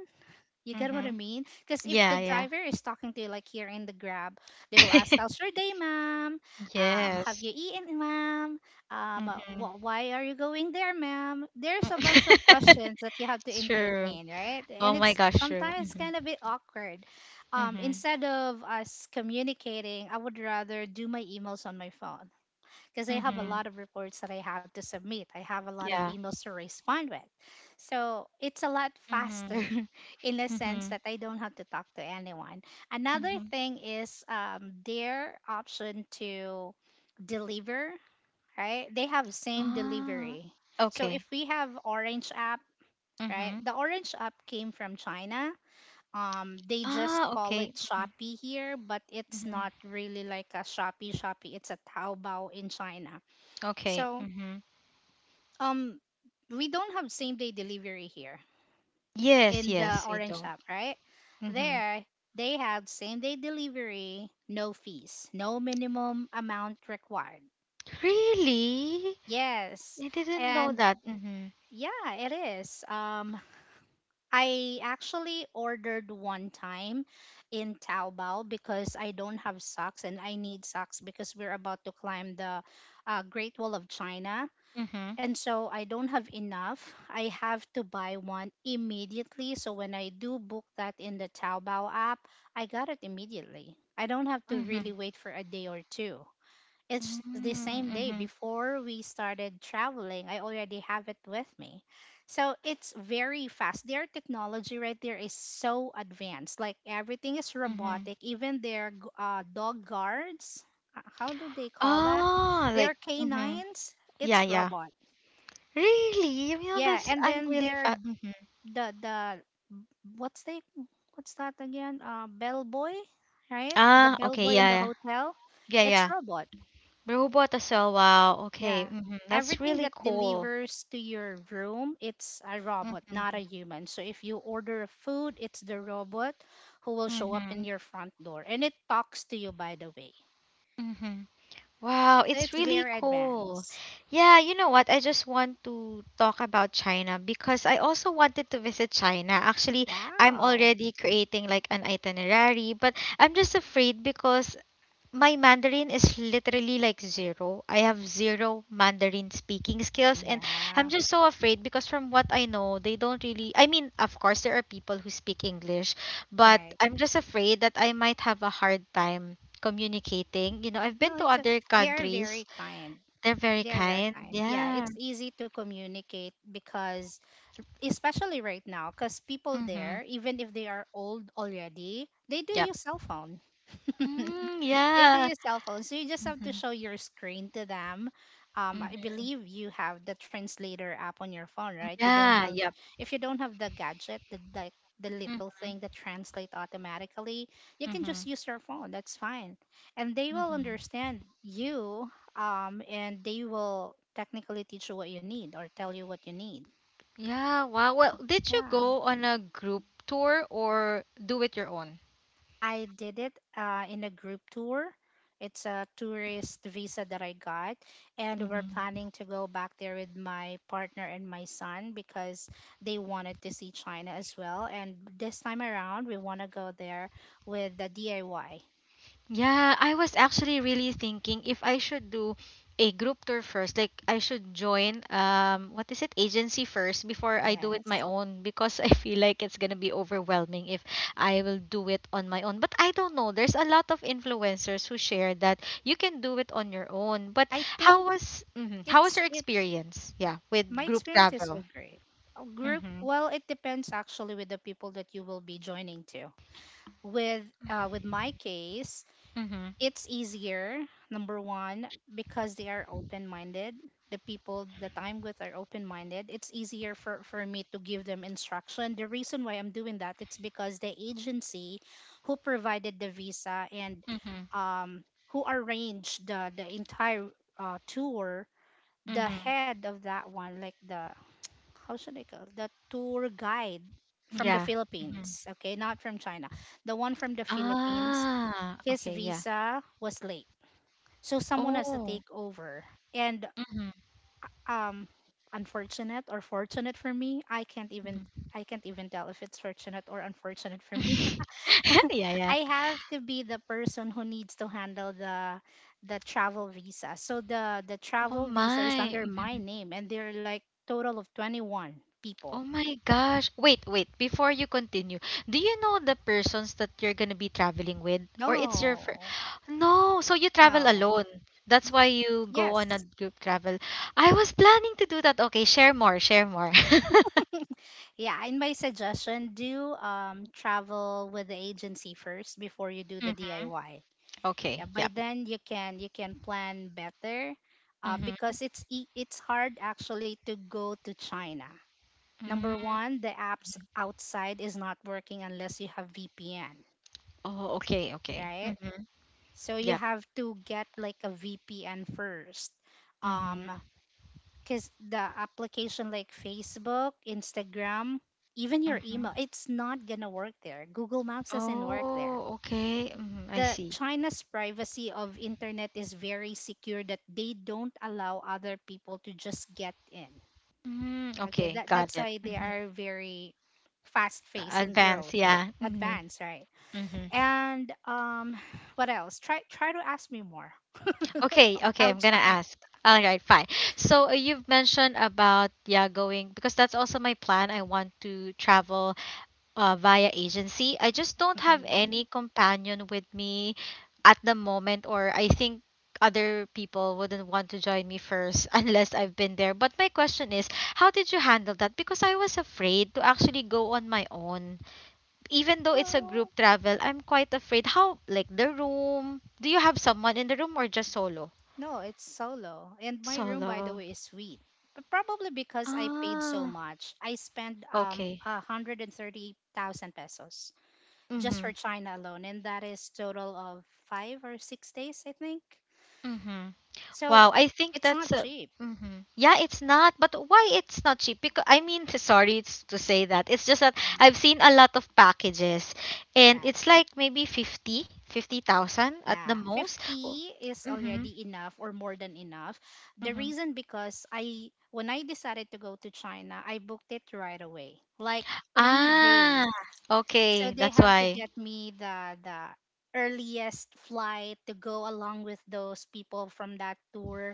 You get what Mm-hmm. I mean? Because if Yeah, the yeah. driver is talking to you, like here in the Grab, they will ask, "How's your day, ma'am? Have Yes. you eaten, ma'am? Mm-hmm. Why are you going there, ma'am?" There's a bunch of questions that you have to True. entertain, right? And Oh my it's gosh, true. sometimes Mm-hmm. kind of a bit awkward. Mm-hmm. Instead of us communicating, I would rather do my emails on my phone because I have a Mm-hmm. lot of reports that I have to submit. I have a lot of Yeah. emails to respond with. So it's a lot faster Mm-hmm. in the sense that I don't have to talk to anyone. Another Mm-hmm. thing is their option to deliver, right? They have same Ah, delivery. So if okay. we have Orange app, right? Mm-hmm. The Orange app came from China. They just Ah, call okay. it Mm-hmm. Shopee here, but it's Mm-hmm. not really like a Shopee. It's a Taobao in China, Okay. so, Mm-hmm. um, we don't have same day delivery here Yes, in the yes, we orange don't. shop, right? Mm-hmm. There, they have same day delivery, no fees, no minimum amount required. Really? Yes. I didn't know And that. Mm-hmm. yeah, it is. I actually ordered one time in Taobao because I don't have socks and I need socks because we're about to climb the Great Wall of China. Mm-hmm. And so I don't have enough. I have to buy one immediately. So when I do book that in the Taobao app, I got it immediately. I don't have to Mm-hmm. really wait for a day or two. It's the same day Mm-hmm. before we started traveling. I already have it with me. So it's very fast. Their technology right there is so advanced. Like everything is Mm-hmm. robotic, even their dog guards. How do they call that? Ah, Their like, mm-hmm. canines. Yeah, It's yeah. robot. Really? You know, Yeah, that's, and I'm then really there fat. Mm-hmm. The what's the what's that again, bellboy, right? The Ah, okay. bellboy in Yeah, the yeah. hotel, Yeah, it's yeah. robot. Robot as well. Wow. Okay. Yeah, Mm-hmm. That's everything really that cool. delivers to your room, it's a robot, not Mm-hmm. a human. So if you order a food, it's the robot who will show up Mm-hmm. in your front door, and it talks to you, by the way. Mm-hmm. Wow, So it's it's really very cool. advanced. Yeah, you know what? I just want to talk about China because I also wanted to visit China. Actually, I'm Wow. already creating like an itinerary, but I'm just afraid because my Mandarin is literally like zero. I have zero Mandarin speaking skills, and Yeah, I'm just so afraid because, from what I know, they don't really. I mean, of course, there are people who speak English, but right. I'm just afraid that I might have a hard time communicating. You know, I've been no to it's a, other They are countries, very kind. they're very They are very kind. kind. Yeah, Yeah. it's easy to communicate because, especially right now, because people Mm-hmm. there, even if they are old already, they do Yep. use cell phone. Mm, They do yeah. use cell phones, so you just have to Mm-hmm. show your screen to them. I Mm-hmm. believe you have the translator app on your phone, right? You don't Yeah. have, Yep. If you don't have the gadget, the little Mm-hmm. thing that translate automatically, you can just Mm-hmm. use your phone. That's fine, and they will Mm-hmm. understand you. And they will technically teach you what you need or tell you what you need. Yeah, wow. Well, did you Yeah. go on a group tour or do it your own? I did it in a group tour. It's a tourist visa that I got, and we're Mm-hmm. planning to go back there with my partner and my son because they wanted to see China as well. And this time around, we want to go there with the DIY. Yeah, I was actually really thinking if I should do a group tour first, like I should join what is it agency first before I do it my Yes. own, because I feel like it's gonna be overwhelming if I will do it on my own. But I don't know. There's a lot of influencers who share that you can do it on your own. But I how think was mhm, how was it's your it experience? Yeah, my with group experience is so travel. great. A group, well, it depends actually with the people that you will be joining to. With my case, Mm-hmm. it's easier, number one, because they are open minded. The people that I'm with are open minded. It's easier for me to give them instruction. The reason why I'm doing that, it's because the agency who provided the visa and Mhm. um, who arranged the entire tour, the Mhm. head of that one, like the, how should I call it? The tour guide from Yeah. the Mhm. Philippines, okay, not from China. The one from the Philippines, Ah, his okay, yeah. visa was late, so someone has to Oh. take over. And Mhm. um unfortunate or fortunate for me, Mhm. I can't even tell if it's fortunate or unfortunate for me. Yeah, yeah. I have to be the person who needs to handle the travel visa. So the Oh travel visa is my. under my Mhm. name, and there are like total of 21 people. Oh my gosh. Wait, wait. Before you continue, do you know the persons that you're gonna be traveling with? Or it's your fir- No. No, so you travel No. alone. That's Y- why you go on a Yes. group travel. I was planning to do that. Okay, share more, share more. Yeah, in my suggestion, do travel with the agency first before you do the Mhm. DIY. Yeah, Okay, by yep. then you can plan better, Mhm. because it's hard actually to go to China. Mm. Number one, the apps outside is not working unless you have VPN, Oh, okay, okay. right? Mm-hmm. So you Yep. have to get like a VPN first. um Mm-hmm. because the application like Facebook, Instagram, even your email, Mm-hmm. it's not gonna work there. Google Maps doesn't work there. Oh, okay. Mm-hmm. I The see. China's privacy of internet is very secure that they don't allow other people to just get in. Mm, Okay, okay, that got that's it. why they Mm-hmm. are very fast paced in Advance, growth, yeah. Mm-hmm. advanced, right? Mm-hmm. And what else? Try to ask me more Okay, okay, I'm gonna outside. ask. All right, fine. So you've mentioned about yeah going, because that's also my plan. I want to travel via agency. I just don't have any Mhm. companion with me at the moment, or I think other people wouldn't want to join me first unless I've been there. But my question is, how did you handle that? Because I was afraid to actually go on my own. Even though it's a group Oh, travel, I'm quite afraid. How, like the room? Do you have someone in the room or just solo? no, it's solo, and my room, by the Solo. way, is sweet. But probably because I paid so Ah, much, I spent okay. a hundred and thirty thousand pesos just Mm-hmm. for China alone, and that is total of 5 or 6 days, I think. Mm-hmm. So Wow, I think it's that's not a cheap. mhm. Yeah, it's not, but why it's not cheap? Because I mean, sorry it's to say that. It's just that Um, I've seen a lot of packages and that it's like maybe 50,000 at the yeah, most. Oh, 50 is mm-hmm, already enough or more than enough. The mm-hmm. reason because I when I decided to go to China, I booked it right away, like 3 days. Ah, So okay, they that's have to why. get me the earliest flight to go along with those people from that tour,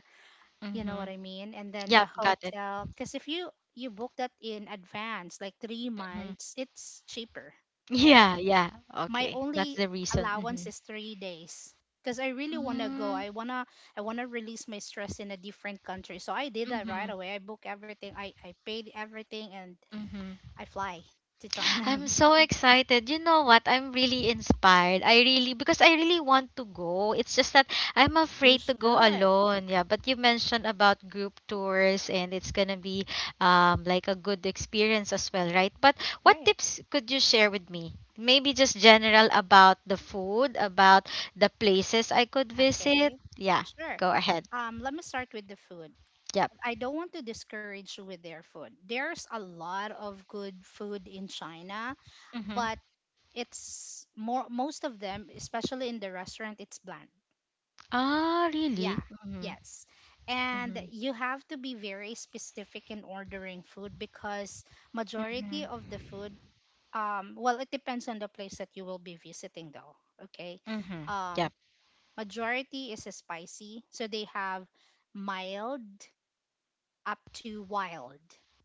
you know Mm-hmm. what I mean? And then the Yep, got it. hotel, because if you book that in advance, like three Mm-hmm. months, it's cheaper, right? Yeah, yeah. My Okay, that's only the reason. Mm-hmm. allowance is 3 days because I really want to go. Mm-hmm. I wanna release my stress in a different country. So I did that Mm-hmm. right away. I book everything. I paid everything, and Mm-hmm. I fly to China. I'm so excited. You know what? I'm really inspired. I really because I really want to go. It's just that I'm You afraid to go should, alone. Yeah, but you mentioned about group tours and it's going to be like a good experience as well, right? But what right? tips could you share with me? Maybe just general about the food, about the places I could visit. Okay, Yeah, sure. go ahead. Let me start with the food. Yep. I don't want to discourage you with their food. There's a lot of good food in China, Mhm. but it's more most of them, especially in the restaurant, it's bland. Ah, really? Yeah, Mhm. yes. And Mhm. you have to be very specific in ordering food because majority Mhm. of the food, well, it depends on the place that you will be visiting though. Okay. Mhm. Yep. Um, majority is spicy, so they have mild up to wild,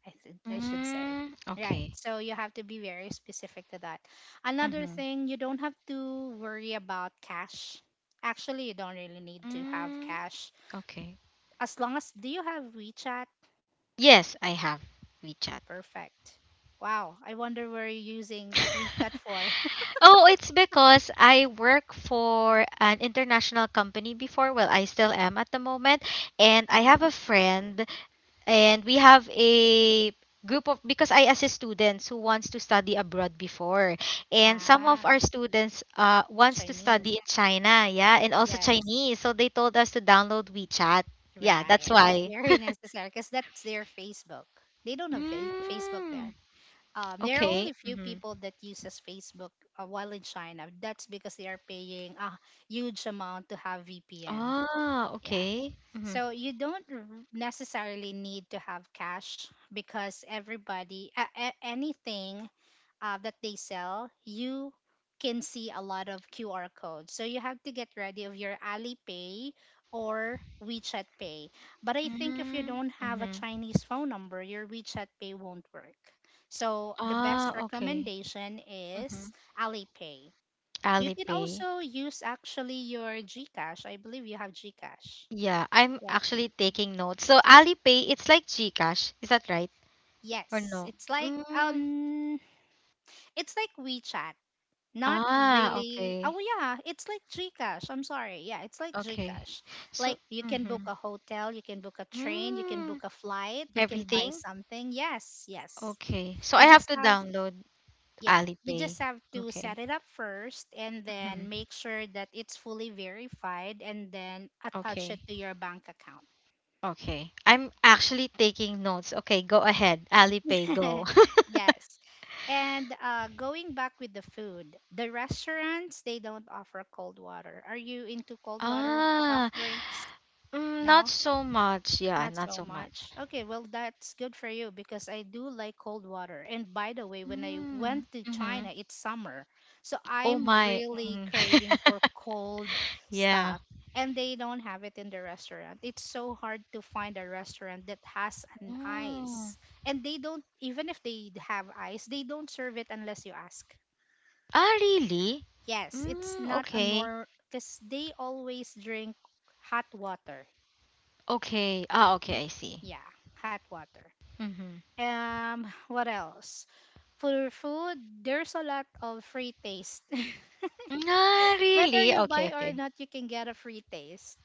I think I should say. Mm, Right, okay. so you have to be very specific to that. Another Mm-hmm. thing, you don't have to worry about cash. Actually, you don't really need to have Mm, cash, okay. as long as — do you have WeChat? Yes, I have WeChat. Perfect. Wow, I wonder where you're using WeChat for. oh, it's because I work for an international company before. Well, I still am at the moment. And I Uh-huh. have a friend, and we have a group of because I assist students who wants to study abroad before. And some of Ah, our students wants to Chinese. study in China, yeah, and also Yes, Chinese. So they told us to download WeChat. Yeah, that's right, it's why. very necessary because that's their Facebook. They don't have Facebook there. Mm, There are okay. only few Mm-hmm. people that uses Facebook, while in China. That's because they are paying a huge amount to have VPN. Ah, Yeah. okay. Mm-hmm. So you don't necessarily need to have cash because everybody, anything that they sell, you can see a lot of QR codes. So you have to get ready of your Alipay or WeChat Pay. But I think if you Mm, don't have a mm-hmm. Chinese phone number, your WeChat Pay won't work. So the best Ah, okay. recommendation is Mm-hmm. Alipay. You can Alipay. also use actually your GCash. I believe you have GCash. Yeah, I'm Right. actually taking notes. So Alipay, it's like GCash. Is that right? Or Yes, no? Mm. It's like WeChat. Not Ah, really. okay. Oh yeah, it's like Gcash. I'm sorry. Yeah, it's like Okay. Gcash. So, Like you can book mm-hmm. a hotel, you can book a train, you can Mm, book a flight, you can buy everything? something. Yes, yes. Okay. So You I have just to have download Yeah, you Alipay. just have to set Okay. it up first and then Mm-hmm. make sure that it's fully verified and then attach it Okay. to your bank account. Okay. I'm actually taking notes. Okay, go ahead. Alipay, go. Yes. And going back with the food, the restaurants, they don't offer cold water. Are you into cold water, soft ah, drinks? mm, not No? so much. Yeah, Not not so so much. much. Okay, well, that's good for you because I do like cold water. And by the way, when I Mm, went to mm-hmm. China, it's summer. So Oh I'm my. really Mm. craving for cold yeah. stuff. And they don't have it in the restaurant. It's so hard to find a restaurant that has an Mm. ice. And they don't — even if they have ice, they don't serve it unless you ask. Ah, really? Yes, it's Mm, not a okay. nor, because they always drink hot water. Okay. Ah, okay. I see. Yeah, hot water. Mm-hmm. What else? For food, there's a lot of free taste. Mm, ah, Whether really? you Okay, buy or okay. not, you can get a free taste.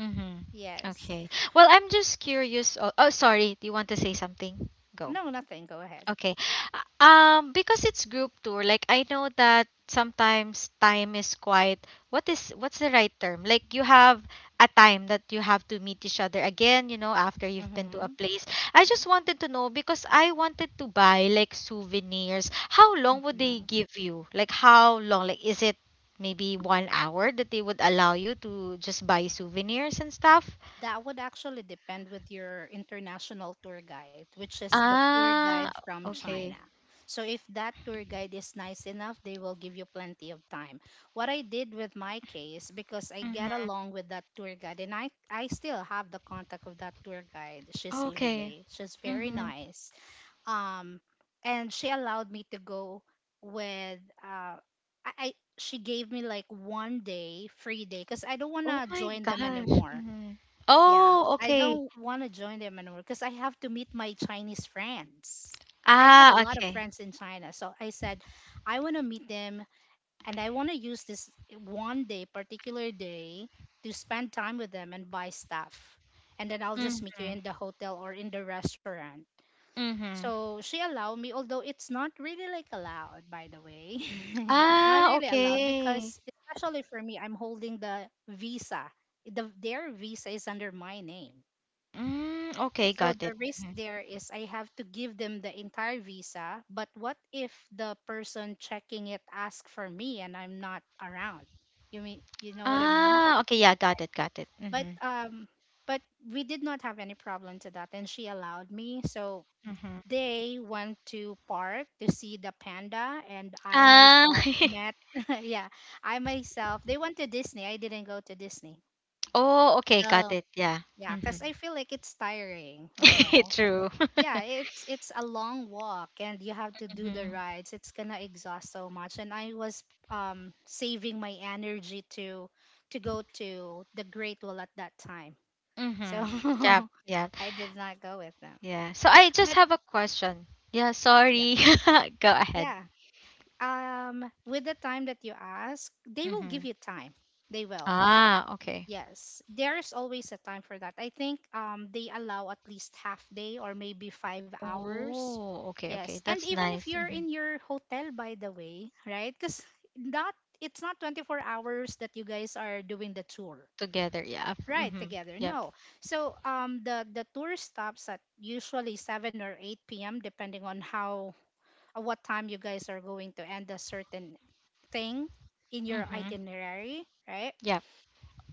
Mm-hmm. Yes. Okay. Well, I'm just curious. Oh, oh, sorry. Do you want to say something? Go. No, nothing. Go ahead. Okay. Because it's group tour, like I know that sometimes time is quite what's the right term? Like you have a time that you have to meet each other again, you know, after you've been to a Mm-hmm. place. I just wanted to know because I wanted to buy like souvenirs. How long would they Mm-hmm. give you? Like how long? Like is it maybe 1 hour that they would allow you to just buy souvenirs and stuff? That would actually depend with your international tour guide, which is the tour Ah, guide from China. okay. So if that tour guide is nice enough, they will give you plenty of time. What I did with my case, because I get Mm-hmm. along with that tour guide, and I still have the contact of that tour guide. She's Okay. Lily. She's very Mm-hmm. nice. Um, and she allowed me to go with I she gave me like one day free day because I don't Oh wanna my join them gosh. anymore. Mhm. Yeah, Oh, I okay. don't want to join them anymore because I have to meet my Chinese friends. I have a Ah, lot of okay. friends in China. So I said, I want to meet them and I want to use this one day, particular day, to spend time with them and buy stuff. And then I'll just meet you Mhm. in the hotel or in the restaurant. Mhm. So she allowed me, although it's not really like allowed, by the way. It's not Ah, really allowed okay. because, especially for me, I'm holding the visa. Their visa is under my name. Mm, okay, So got the it. risk Mhm. there is I have to give them the entire visa, but what if the person checking it asks for me and I'm not around? You mean, you know what I mean? Ah, okay, yeah, got Right. it, got it. But Mhm. um but we did not have any problem to that and she allowed me. So Mhm. they went to park to see the panda, and I Ah. myself met yeah, I myself they went to Disney. I didn't go to Disney. oh, okay, got So it. Yeah. yeah, because Mhm. I feel like it's tiring, you know. True. Yeah, it's a long walk and you have to do the Mhm. rides, it's gonna exhaust so much, and I was saving my energy to go to the great wall at that time. So Mhm. Yep, yep. I did not go with them, Yeah. So I just but have a question. Yeah, yeah, sorry. Go ahead. yeah, with the time that you ask, they will give Mhm. you time. They will Ah, okay. Yes, there's always a time for that. I think they allow at least half day or maybe 5 hours. Oh, okay, Yes. okay. And That's even if nice. you're Hmm. in your hotel, by the way, right? Cuz not it's not 24 hours that you guys are doing the tour, Together, yeah. right, Mm-hmm. together. Yep. No. So the tour stops at usually 7 or 8 p.m., depending on how, what time you guys are going to end a certain thing in your Mm-hmm. itinerary, right? Yep.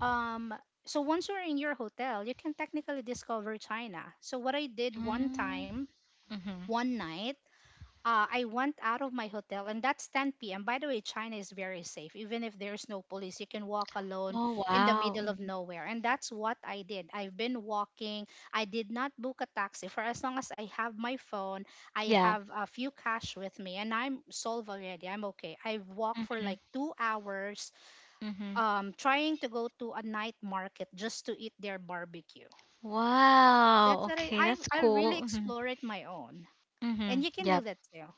Um, so once you're in your hotel, you can technically discover China. So what I did one Mm-hmm. time, Mm-hmm. one night, I went out of my hotel, and that's 10 p.m. By the way, China is very safe. Even if there's no police, you can walk alone Oh, in the wow. middle of Mm, nowhere. And that's what I did. I've been walking. I did not book a taxi, for as long as I have my phone. I yeah. have a few cash with me, and I'm solved already. I'm okay. I've walked for Mm-hmm. like 2 hours, Mm-hmm. Trying to go to a night market just to eat their barbecue. That's Wow. what I, Okay, I, that's I really cool. Mm-hmm. explore it my own. And Mm-hmm. you can do Yep. that too.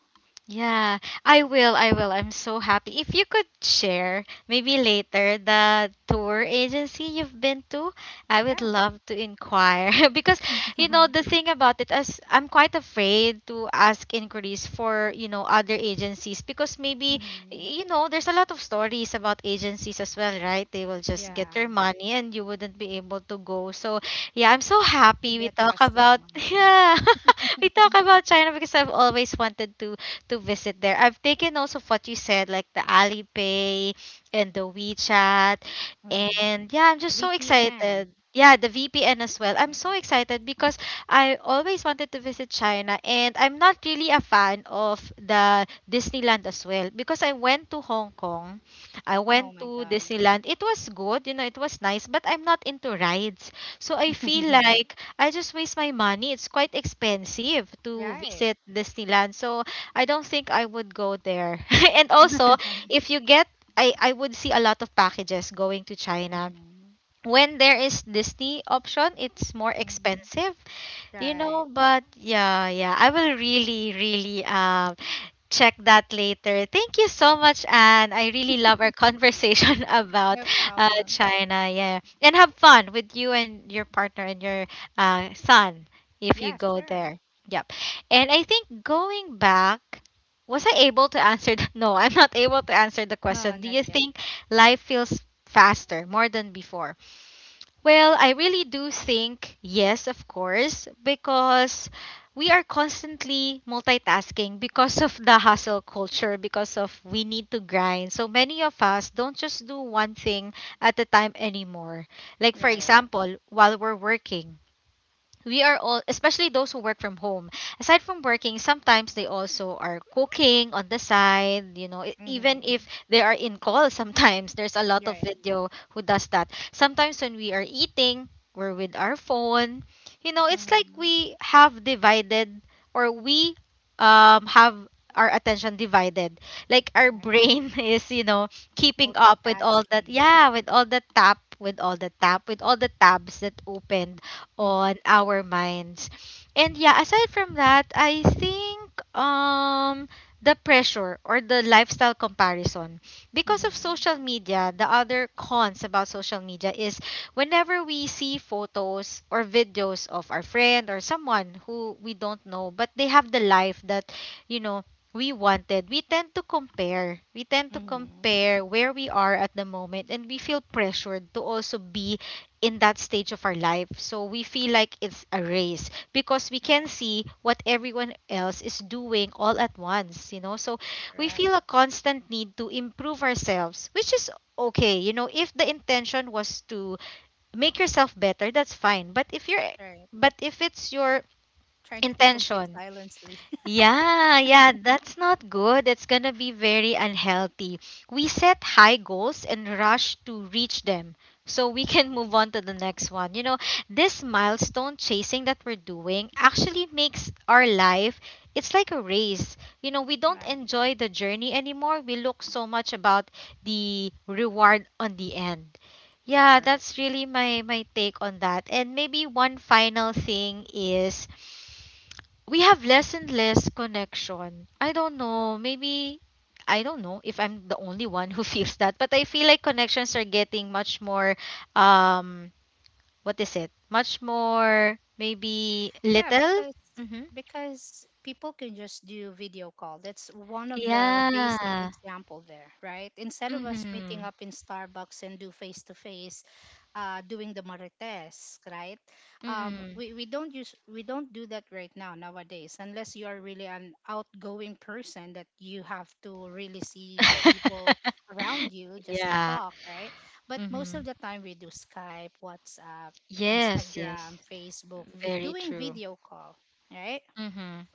Yeah, I will. I will. I'm so happy. If you could share maybe later the tour agency you've been to, I would Yeah. love to inquire because the thing about it is I'm quite afraid to ask inquiries for, you know, other agencies because maybe Hmm. you know there's a lot of stories about agencies as well, right? They will just get their Yeah. money and you wouldn't be able to go. So, yeah, I'm so It should happy be we a talk trusted about one. yeah. we talk about China because I've always wanted to visit there. I've taken also what you said, like the Alipay and the WeChat. Hmm. And yeah, I'm just so excited. VPN. Yeah, the VPN as well. I'm Mm. so excited because I always wanted to visit China and I'm not really a fan of the Disneyland as well because I went to Hong Kong. I No, oh went my to God. Disneyland. It was good, you know, it was nice, but I'm not into rides. So I feel like I just waste my money. It's quite expensive to Right. visit Disneyland. So I don't think I would go there. and also, if you get, I would see a lot of packages going to China. Hmm. When there is Disney option, it's more Hmm. expensive. You know, Right. but yeah, yeah, I will really, really check that later. Thank you so much, Anne. I really love our conversation about No problem. China. Yeah, and have fun with you and your partner and your son if you Yeah, go sure. there. Yep. And I think going back, was I able to answer? The, no, I'm not able to answer the No, question. Do not you yet. think life feels faster more than before? Well, I really do think yes, of course, because we are constantly multitasking because of the hustle culture, because of we need to grind. So many of us don't just do one thing at a time anymore. Like, for Right. example, while we're working we are all especially those who work from home aside from working sometimes they also are cooking on the side, you know, even if Hmm. they are in call, sometimes there's a lot of Right. video who does that, sometimes when we are eating we're with our phone, you know, it's like Hmm. we have divided or we have our attention divided, like our Right. brain is, you know, keeping up with all that, Multitasking. yeah, with all the tap, with all the tabs that opened on our minds. And yeah, aside from that, I think the pressure or the lifestyle comparison because of Mm-hmm. social media, the other cons about social media is whenever we see photos or videos of our friend or someone who we don't know but they have the life that, you know, we wanted, we tend to Mm-hmm. compare where we are at the moment and we feel pressured to also be in that stage of our life. So we feel like it's a race because we can Right. see what everyone else is doing all at once, you know. So we Correct. feel a constant need to improve ourselves, which is okay. You know, if the intention was to make yourself better, that's fine. Right. But if it's your Trying to compete intention, silently. yeah, yeah, that's not good. It's gonna be very unhealthy. We set high goals and rush to reach them so we can Right. move on to the next one. You know, this milestone chasing that we're doing actually makes our life, it's like a race. You know, we don't Right. enjoy the journey anymore. We look so much about the reward on the end. Yeah, Correct. that's really my take on that. And maybe one final thing is we have less and less connection. I don't know. Maybe I don't know if I'm the only one who feels that, but I feel like connections are getting much more um what is it? Much more maybe Yeah, little. Mhm. because people can just do video call. That's one of the basic Yeah. example there, right? Instead of us meeting Mhm. up in Starbucks and do face to face, doing the marites, right? Mhm. we don't use we don't do that right now nowadays, unless you are really an outgoing person that you have to really see the people around you just to yeah. talk, right? But most of Mhm. the time we do Skype, WhatsApp, Yes, Instagram, yes. Facebook, Very doing true. video call, right? Mhm.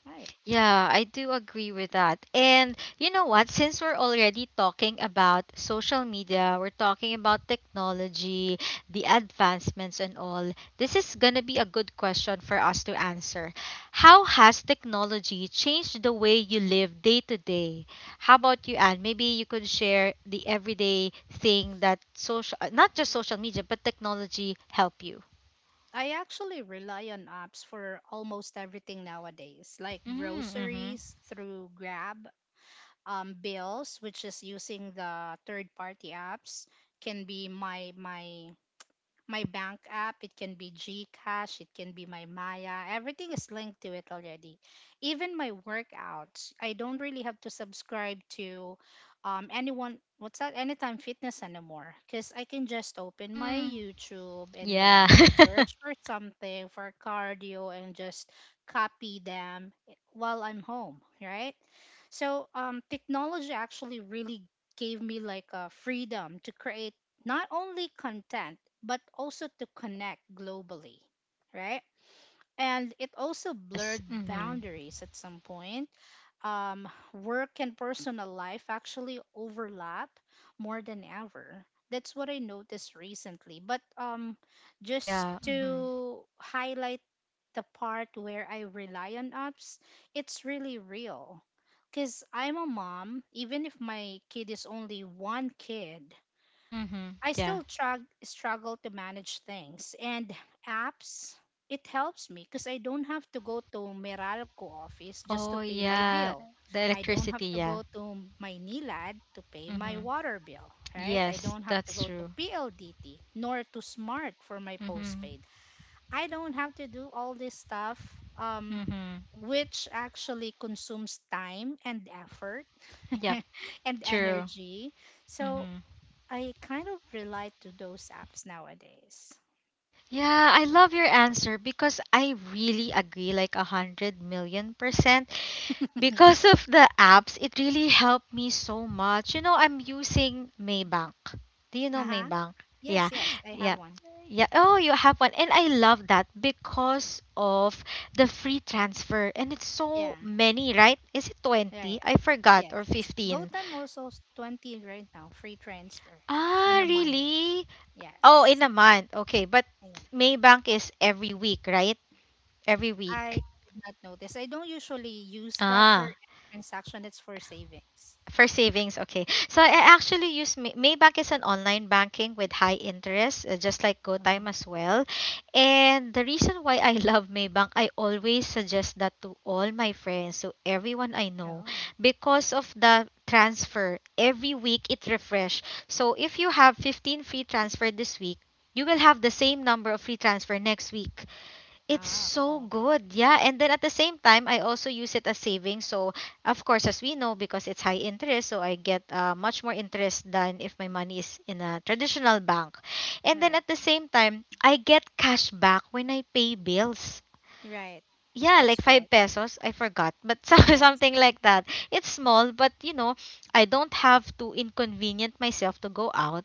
Right. Yeah, I do agree with that. And you know what? Since we're already talking about social media, we're talking about technology, the advancements, and all, this is going to be a good question for us to answer. How has technology changed the way you live day to day? How about you, Anne? Maybe you could share the everyday thing that social, not just social media, but technology help you. I actually rely on apps for almost everything nowadays, like Mm-hmm. groceries through Grab, bills, which is using the third-party apps, can be my bank app, it can be GCash, it can be my Maya. Everything is linked to it already. Even my workouts, I don't really have to subscribe to anyone. What's that? Anytime Fitness anymore, because I can just open my Mm, YouTube and yeah. then just search for something for cardio and just copy them eh, while I'm home, right? So technology actually really gave me like a freedom to create not only content but also to connect globally, right. And it also yes. blurred Mm-hmm. boundaries at some point. Work and personal life actually overlap more than ever. That's what I noticed recently. But just Yeah. Mhm. to highlight the part where I rely on apps, it's really real because I'm a mom. Even if my kid is only one kid, Mhm. I Yeah. still struggle to manage things and apps. It helps me because I don't have to go to Meralco office just to Oh pay my yeah, bill. the I don't have electricity, to yeah. go to my NILAD to pay my Mhm. water bill, right? I Yes, don't have to that's go to true. PLDT nor to Smart for my Mhm. postpaid. I don't have to do all this stuff, um, Mhm. which actually consumes time and effort Yep, and true. energy. So Mhm. I kind of relate to those apps nowadays. Yeah, I love your answer because I really agree like a hundred million%. Because of the apps, it really helped me so much. You know, I'm using Maybank. Do you know Uh huh. Maybank? Yes, Yeah. yes, I have Yeah. one. Yeah. Oh, you have one. And I love that because of the free transfer. And it's Yeah, so many, right? Is it 20? right. I forgot. Or Yes. 15. GoTime also 20 right now, free transfer Ah, in a month. really? Oh, in Yes. a month. Okay. But Yeah. Maybank is every week, right? Every week. I did not notice. I don't usually use that for Ah. any transaction, it's for savings. For savings, okay. So I Yeah. actually use Maybank is an online banking with high interest, just like GoTime Hmm. as well. And the reason why I love Maybank, I always suggest that to all my friends, to everyone I know, Oh, because of the transfer. Every week it refresh. So if you have 15 free transfer this week, you will have the same number of free transfer next week. It's ah, so cool. good. Yeah. And then at the same time, I also use it as savings. So, of course, as we know, because it's high interest, so I get much more interest than if my money is in a traditional bank. And then Right. at the same time, I get cash back when I pay bills. Right. Yeah, like That's right. 5 pesos. I forgot, but Yes. something like that. It's small, but I don't have to inconvenient myself to go out,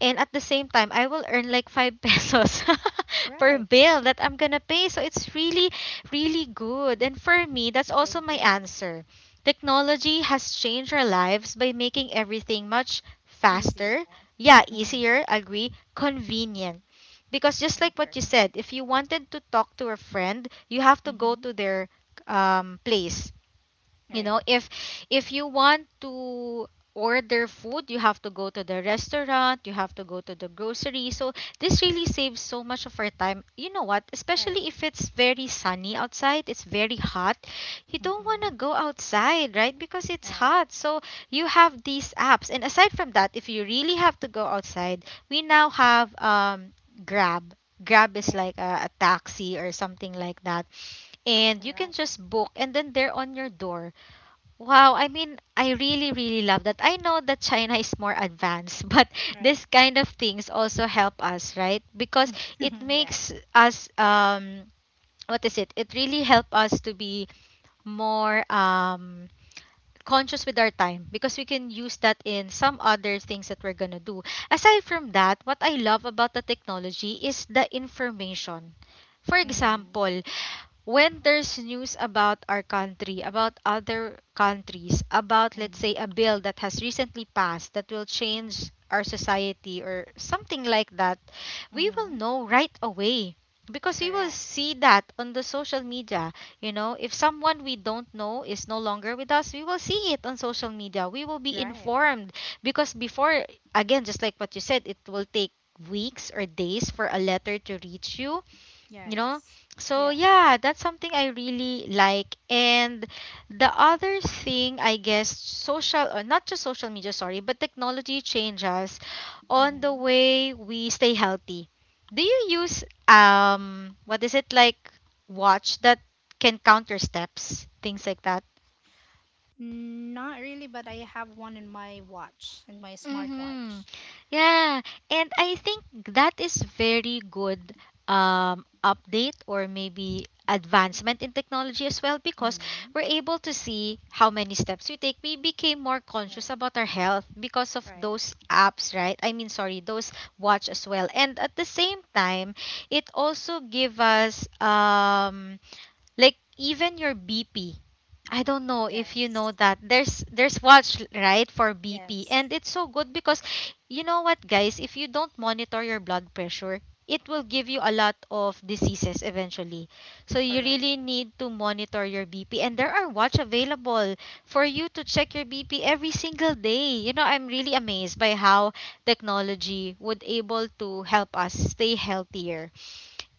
and at the same time I will earn like 5 pesos per Right. bill that I'm gonna pay, so it's really good. And for me, that's I also my agree. answer. Technology has changed our lives by making everything much faster. Easy. Yeah, Right? Hmm. easier, agree, convenient. Because I just like what you agree. said, if you wanted to talk to a friend, you have to go Mm-hmm. to their place, you Right. know if if you want to order food, you have to go to the restaurant, you have to go to the grocery. So this Right. really saves so much of our time. You know what, Right. especially if it's very sunny outside, it's very hot, you don't want Mm-hmm. to go outside, right? Because it's Right. hot. So you have these apps, and aside from that, if you really have to go outside, we now have grab. Grab is Right. like a taxi or something like that, and you can Correct. just book and then they're on your door. Wow, I mean, I really, really love that. I know that China is more advanced, but Right. this kind of things also help us, right? Because it Yeah. makes us, what is it? It really help us to be more conscious with our time, because we can use that in some other things that we're gonna do. Aside from that, what I love about the technology is the information. For Mm-hmm. example, when there's news about our country, about other countries, about, let's Mm-hmm. say, a bill that has recently passed that will change our society or something like that, we will Mm-hmm. know right away because we will Correct. see that on the social media. You know, if someone we don't know is no longer with us, we will see it on social media. We will be Right. informed, because before, again, just like what you said, it will take weeks or days for a letter to reach you, you know. Yes. So Yeah. yeah, that's something I really like. And the other thing, I guess, social, or not just social media, sorry, but technology changes on the Mm-hmm. way we stay healthy. Do you use what is it, like, watch that can counter steps, things like that? Not really, but I have one in my watch, in my Mm-hmm. smartwatch. Yeah, and I think that is very good update or maybe advancement in technology as well, because Mm-hmm. we're able to see how many steps we take. We became more Right. conscious about our health because of Right. those apps, right? I mean, sorry, those watch as well. And at the same time, it also give us like even your BP. I don't know if you Yes. know that. There's watch, right, for BP, Yes. and it's so good because, you know what, guys, if you don't monitor your blood pressure, it will give you a lot of diseases eventually. So you Correct. really need to monitor your BP, and there are watch available for you to check your BP every single day. You know, I'm really amazed by how technology would able to help us stay healthier.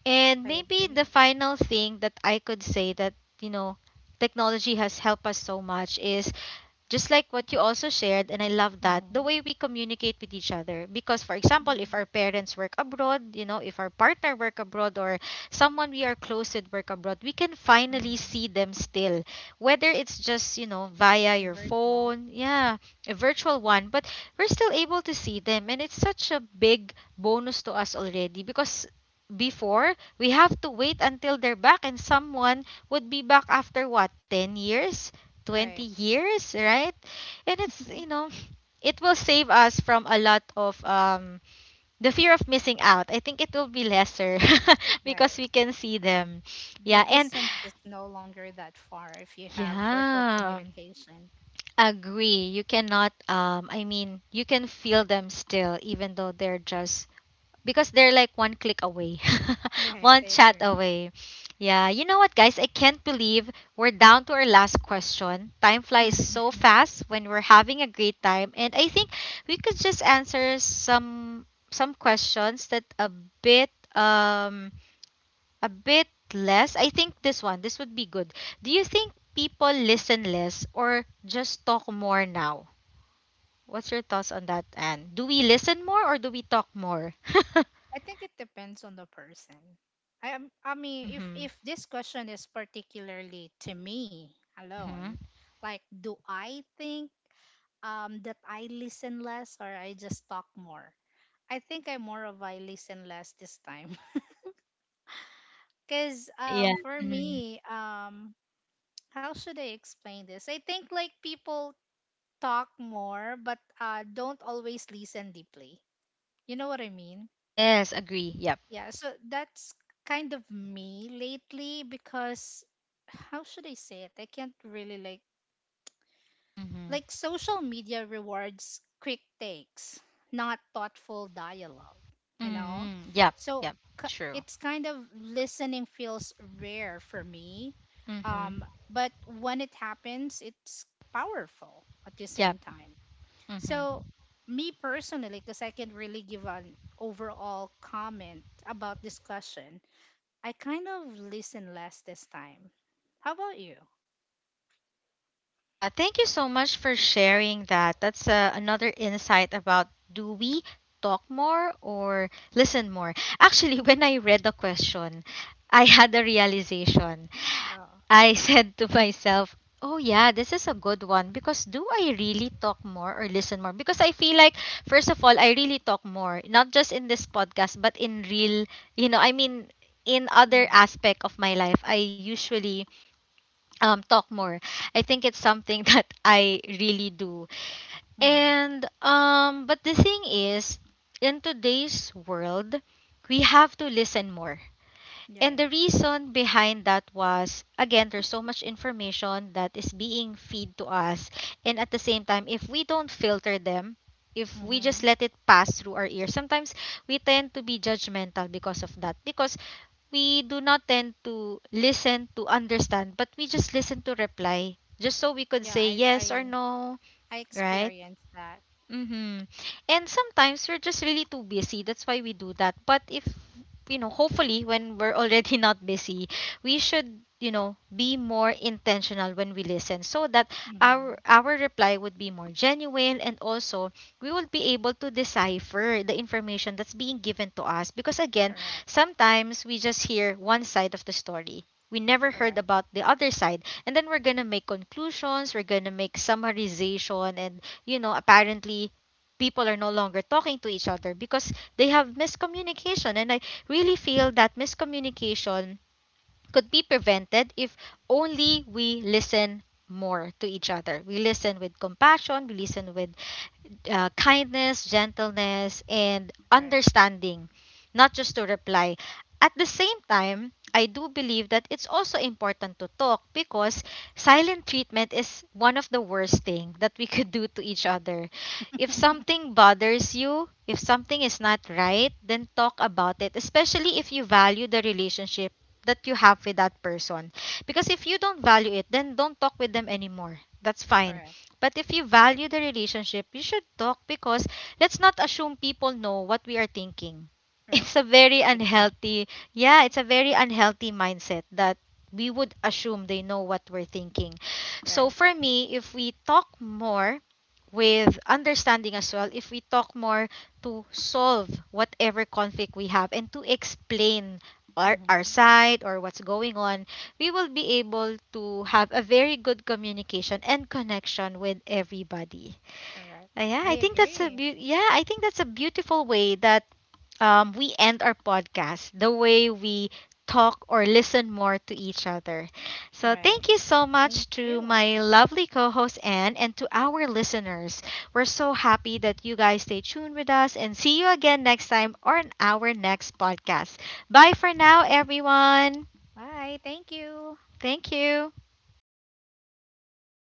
And I maybe the agree. final thing that I could say that, you know, technology has helped us so much is just like what you also shared, and I love that, the Mm-hmm. way we communicate with each other. Because, for example, if Mm-hmm. our parents work abroad, you know, if our partner work abroad, or someone we are close with work abroad, we can finally Mm-hmm. see them still, whether it's just, you know, via your Virtual. phone. Yeah, a virtual one, but we're still able to see them, and it's such a big bonus to us already. Because before, we have to wait until they're back, and someone would be back after what, 10 years, 20 Right. years, right? And it's, you know, it will save us from a lot of, the fear of missing out. I think it will be lesser because Right. we can see them. The Yeah, and distance is no longer that far if you have virtual yeah, communication. agree. You cannot, I mean, you can feel them still even though they're just, because they're like one click away, Right, one I chat agree. away. Yeah, you know what, guys? I can't believe we're down to our last question. Time flies so fast when we're having a great time, and I think we could just answer some questions that bit um a bit less. I think this would be good. Do you think people listen less or just talk more now? What's your thoughts on that, Anne? Do we listen more or do we talk more? I think it depends on the person. I mean, if Mm-hmm. This question is particularly to me Mm-hmm. alone, like, do I think that I listen less or I just talk more? I think I'm more of I listen less this time. Cause Yeah. For Mm-hmm. me, how should I explain this? I think like people talk more but don't always listen deeply. You know what I mean? Yes, agree. Yep. Yeah, so that's kind of me lately because how should I say it? I can't really like Mm-hmm. Social media rewards quick takes, not thoughtful dialogue, you know? Mm-hmm. Yep. So Yep. True. it's kind of, listening feels rare for me. Um Mm-hmm. but when it happens, it's powerful at the Yep. same time. Mm-hmm. So, me personally, because I can really give an overall comment about discussion, I kind of listen less this time. How about you? Yeah, thank you so much for sharing that. That's another insight about, do we talk more or listen more? Actually, when I read the question, I had a realization. Oh. I said to myself, oh yeah, this is a good one, because do I really talk more or listen more? Because I feel like, first of all, I really talk more, not just in this podcast, but in real, you know, I mean, in other Mm-hmm. aspect of my life, I usually talk more. I think it's something that I really do. Mm-hmm. And but the thing is, in today's world, we have to listen more, and Yeah. the reason behind that was, again, there's so much information that is being feed to us. And at the same time, if we don't filter them, if we just Mm-hmm. let it pass through our ears sometimes, we tend to be judgmental because of that, because we do not tend to listen to understand, but we just listen to reply, just so we could Yeah, say yes or no, I right? experienced that. Mm-hmm. And sometimes we're just really too busy. That's why we do that. But if, you know, hopefully when we're already not busy, we should, you know, be more intentional when we listen, so that our Mm-hmm. our reply would be more genuine, and also we will be able to decipher the information that's being given to us. Because, again, Correct. sometimes we just hear one side of the story. We never heard Correct. about the other side, and then we're going to make conclusions, we're going to make summarization, and, you know, apparently people are no longer talking to each other because they have miscommunication. And I really feel that miscommunication could be prevented if only we listen more to each other. We listen with compassion, we listen with kindness, gentleness, and Right. understanding, not just to reply. At the same time, I do believe that it's also important to talk, because silent treatment is one of the worst thing that we could do to each other. If something bothers you, if something is not right, then talk about it, especially if you value the relationship that you have with that person. Because if you don't value it, then don't talk with them anymore. That's fine. Correct. But if you value the relationship, you should talk, because let's not assume people know what we are thinking. Right. It's a very Speak up. unhealthy, yeah, it's a very unhealthy mindset that we would assume they know what we're thinking. So Right. for me, if we talk more with understanding as well, if we talk more to solve whatever conflict we have, and to explain our Mm-hmm. side or what's going on, we will be able to have a very good communication and connection with everybody. Correct. Yeah, I I think that's a agree. Yeah, I think that's a beautiful way that we end our podcast. The way we talk or listen more to each other. So thank Right. you so Thank much to you. my lovely co-host Anne and to our listeners. We're so happy that you guys stay tuned with us, and see you again next time on our next podcast. Bye for now, everyone. Bye. Thank you. Thank you.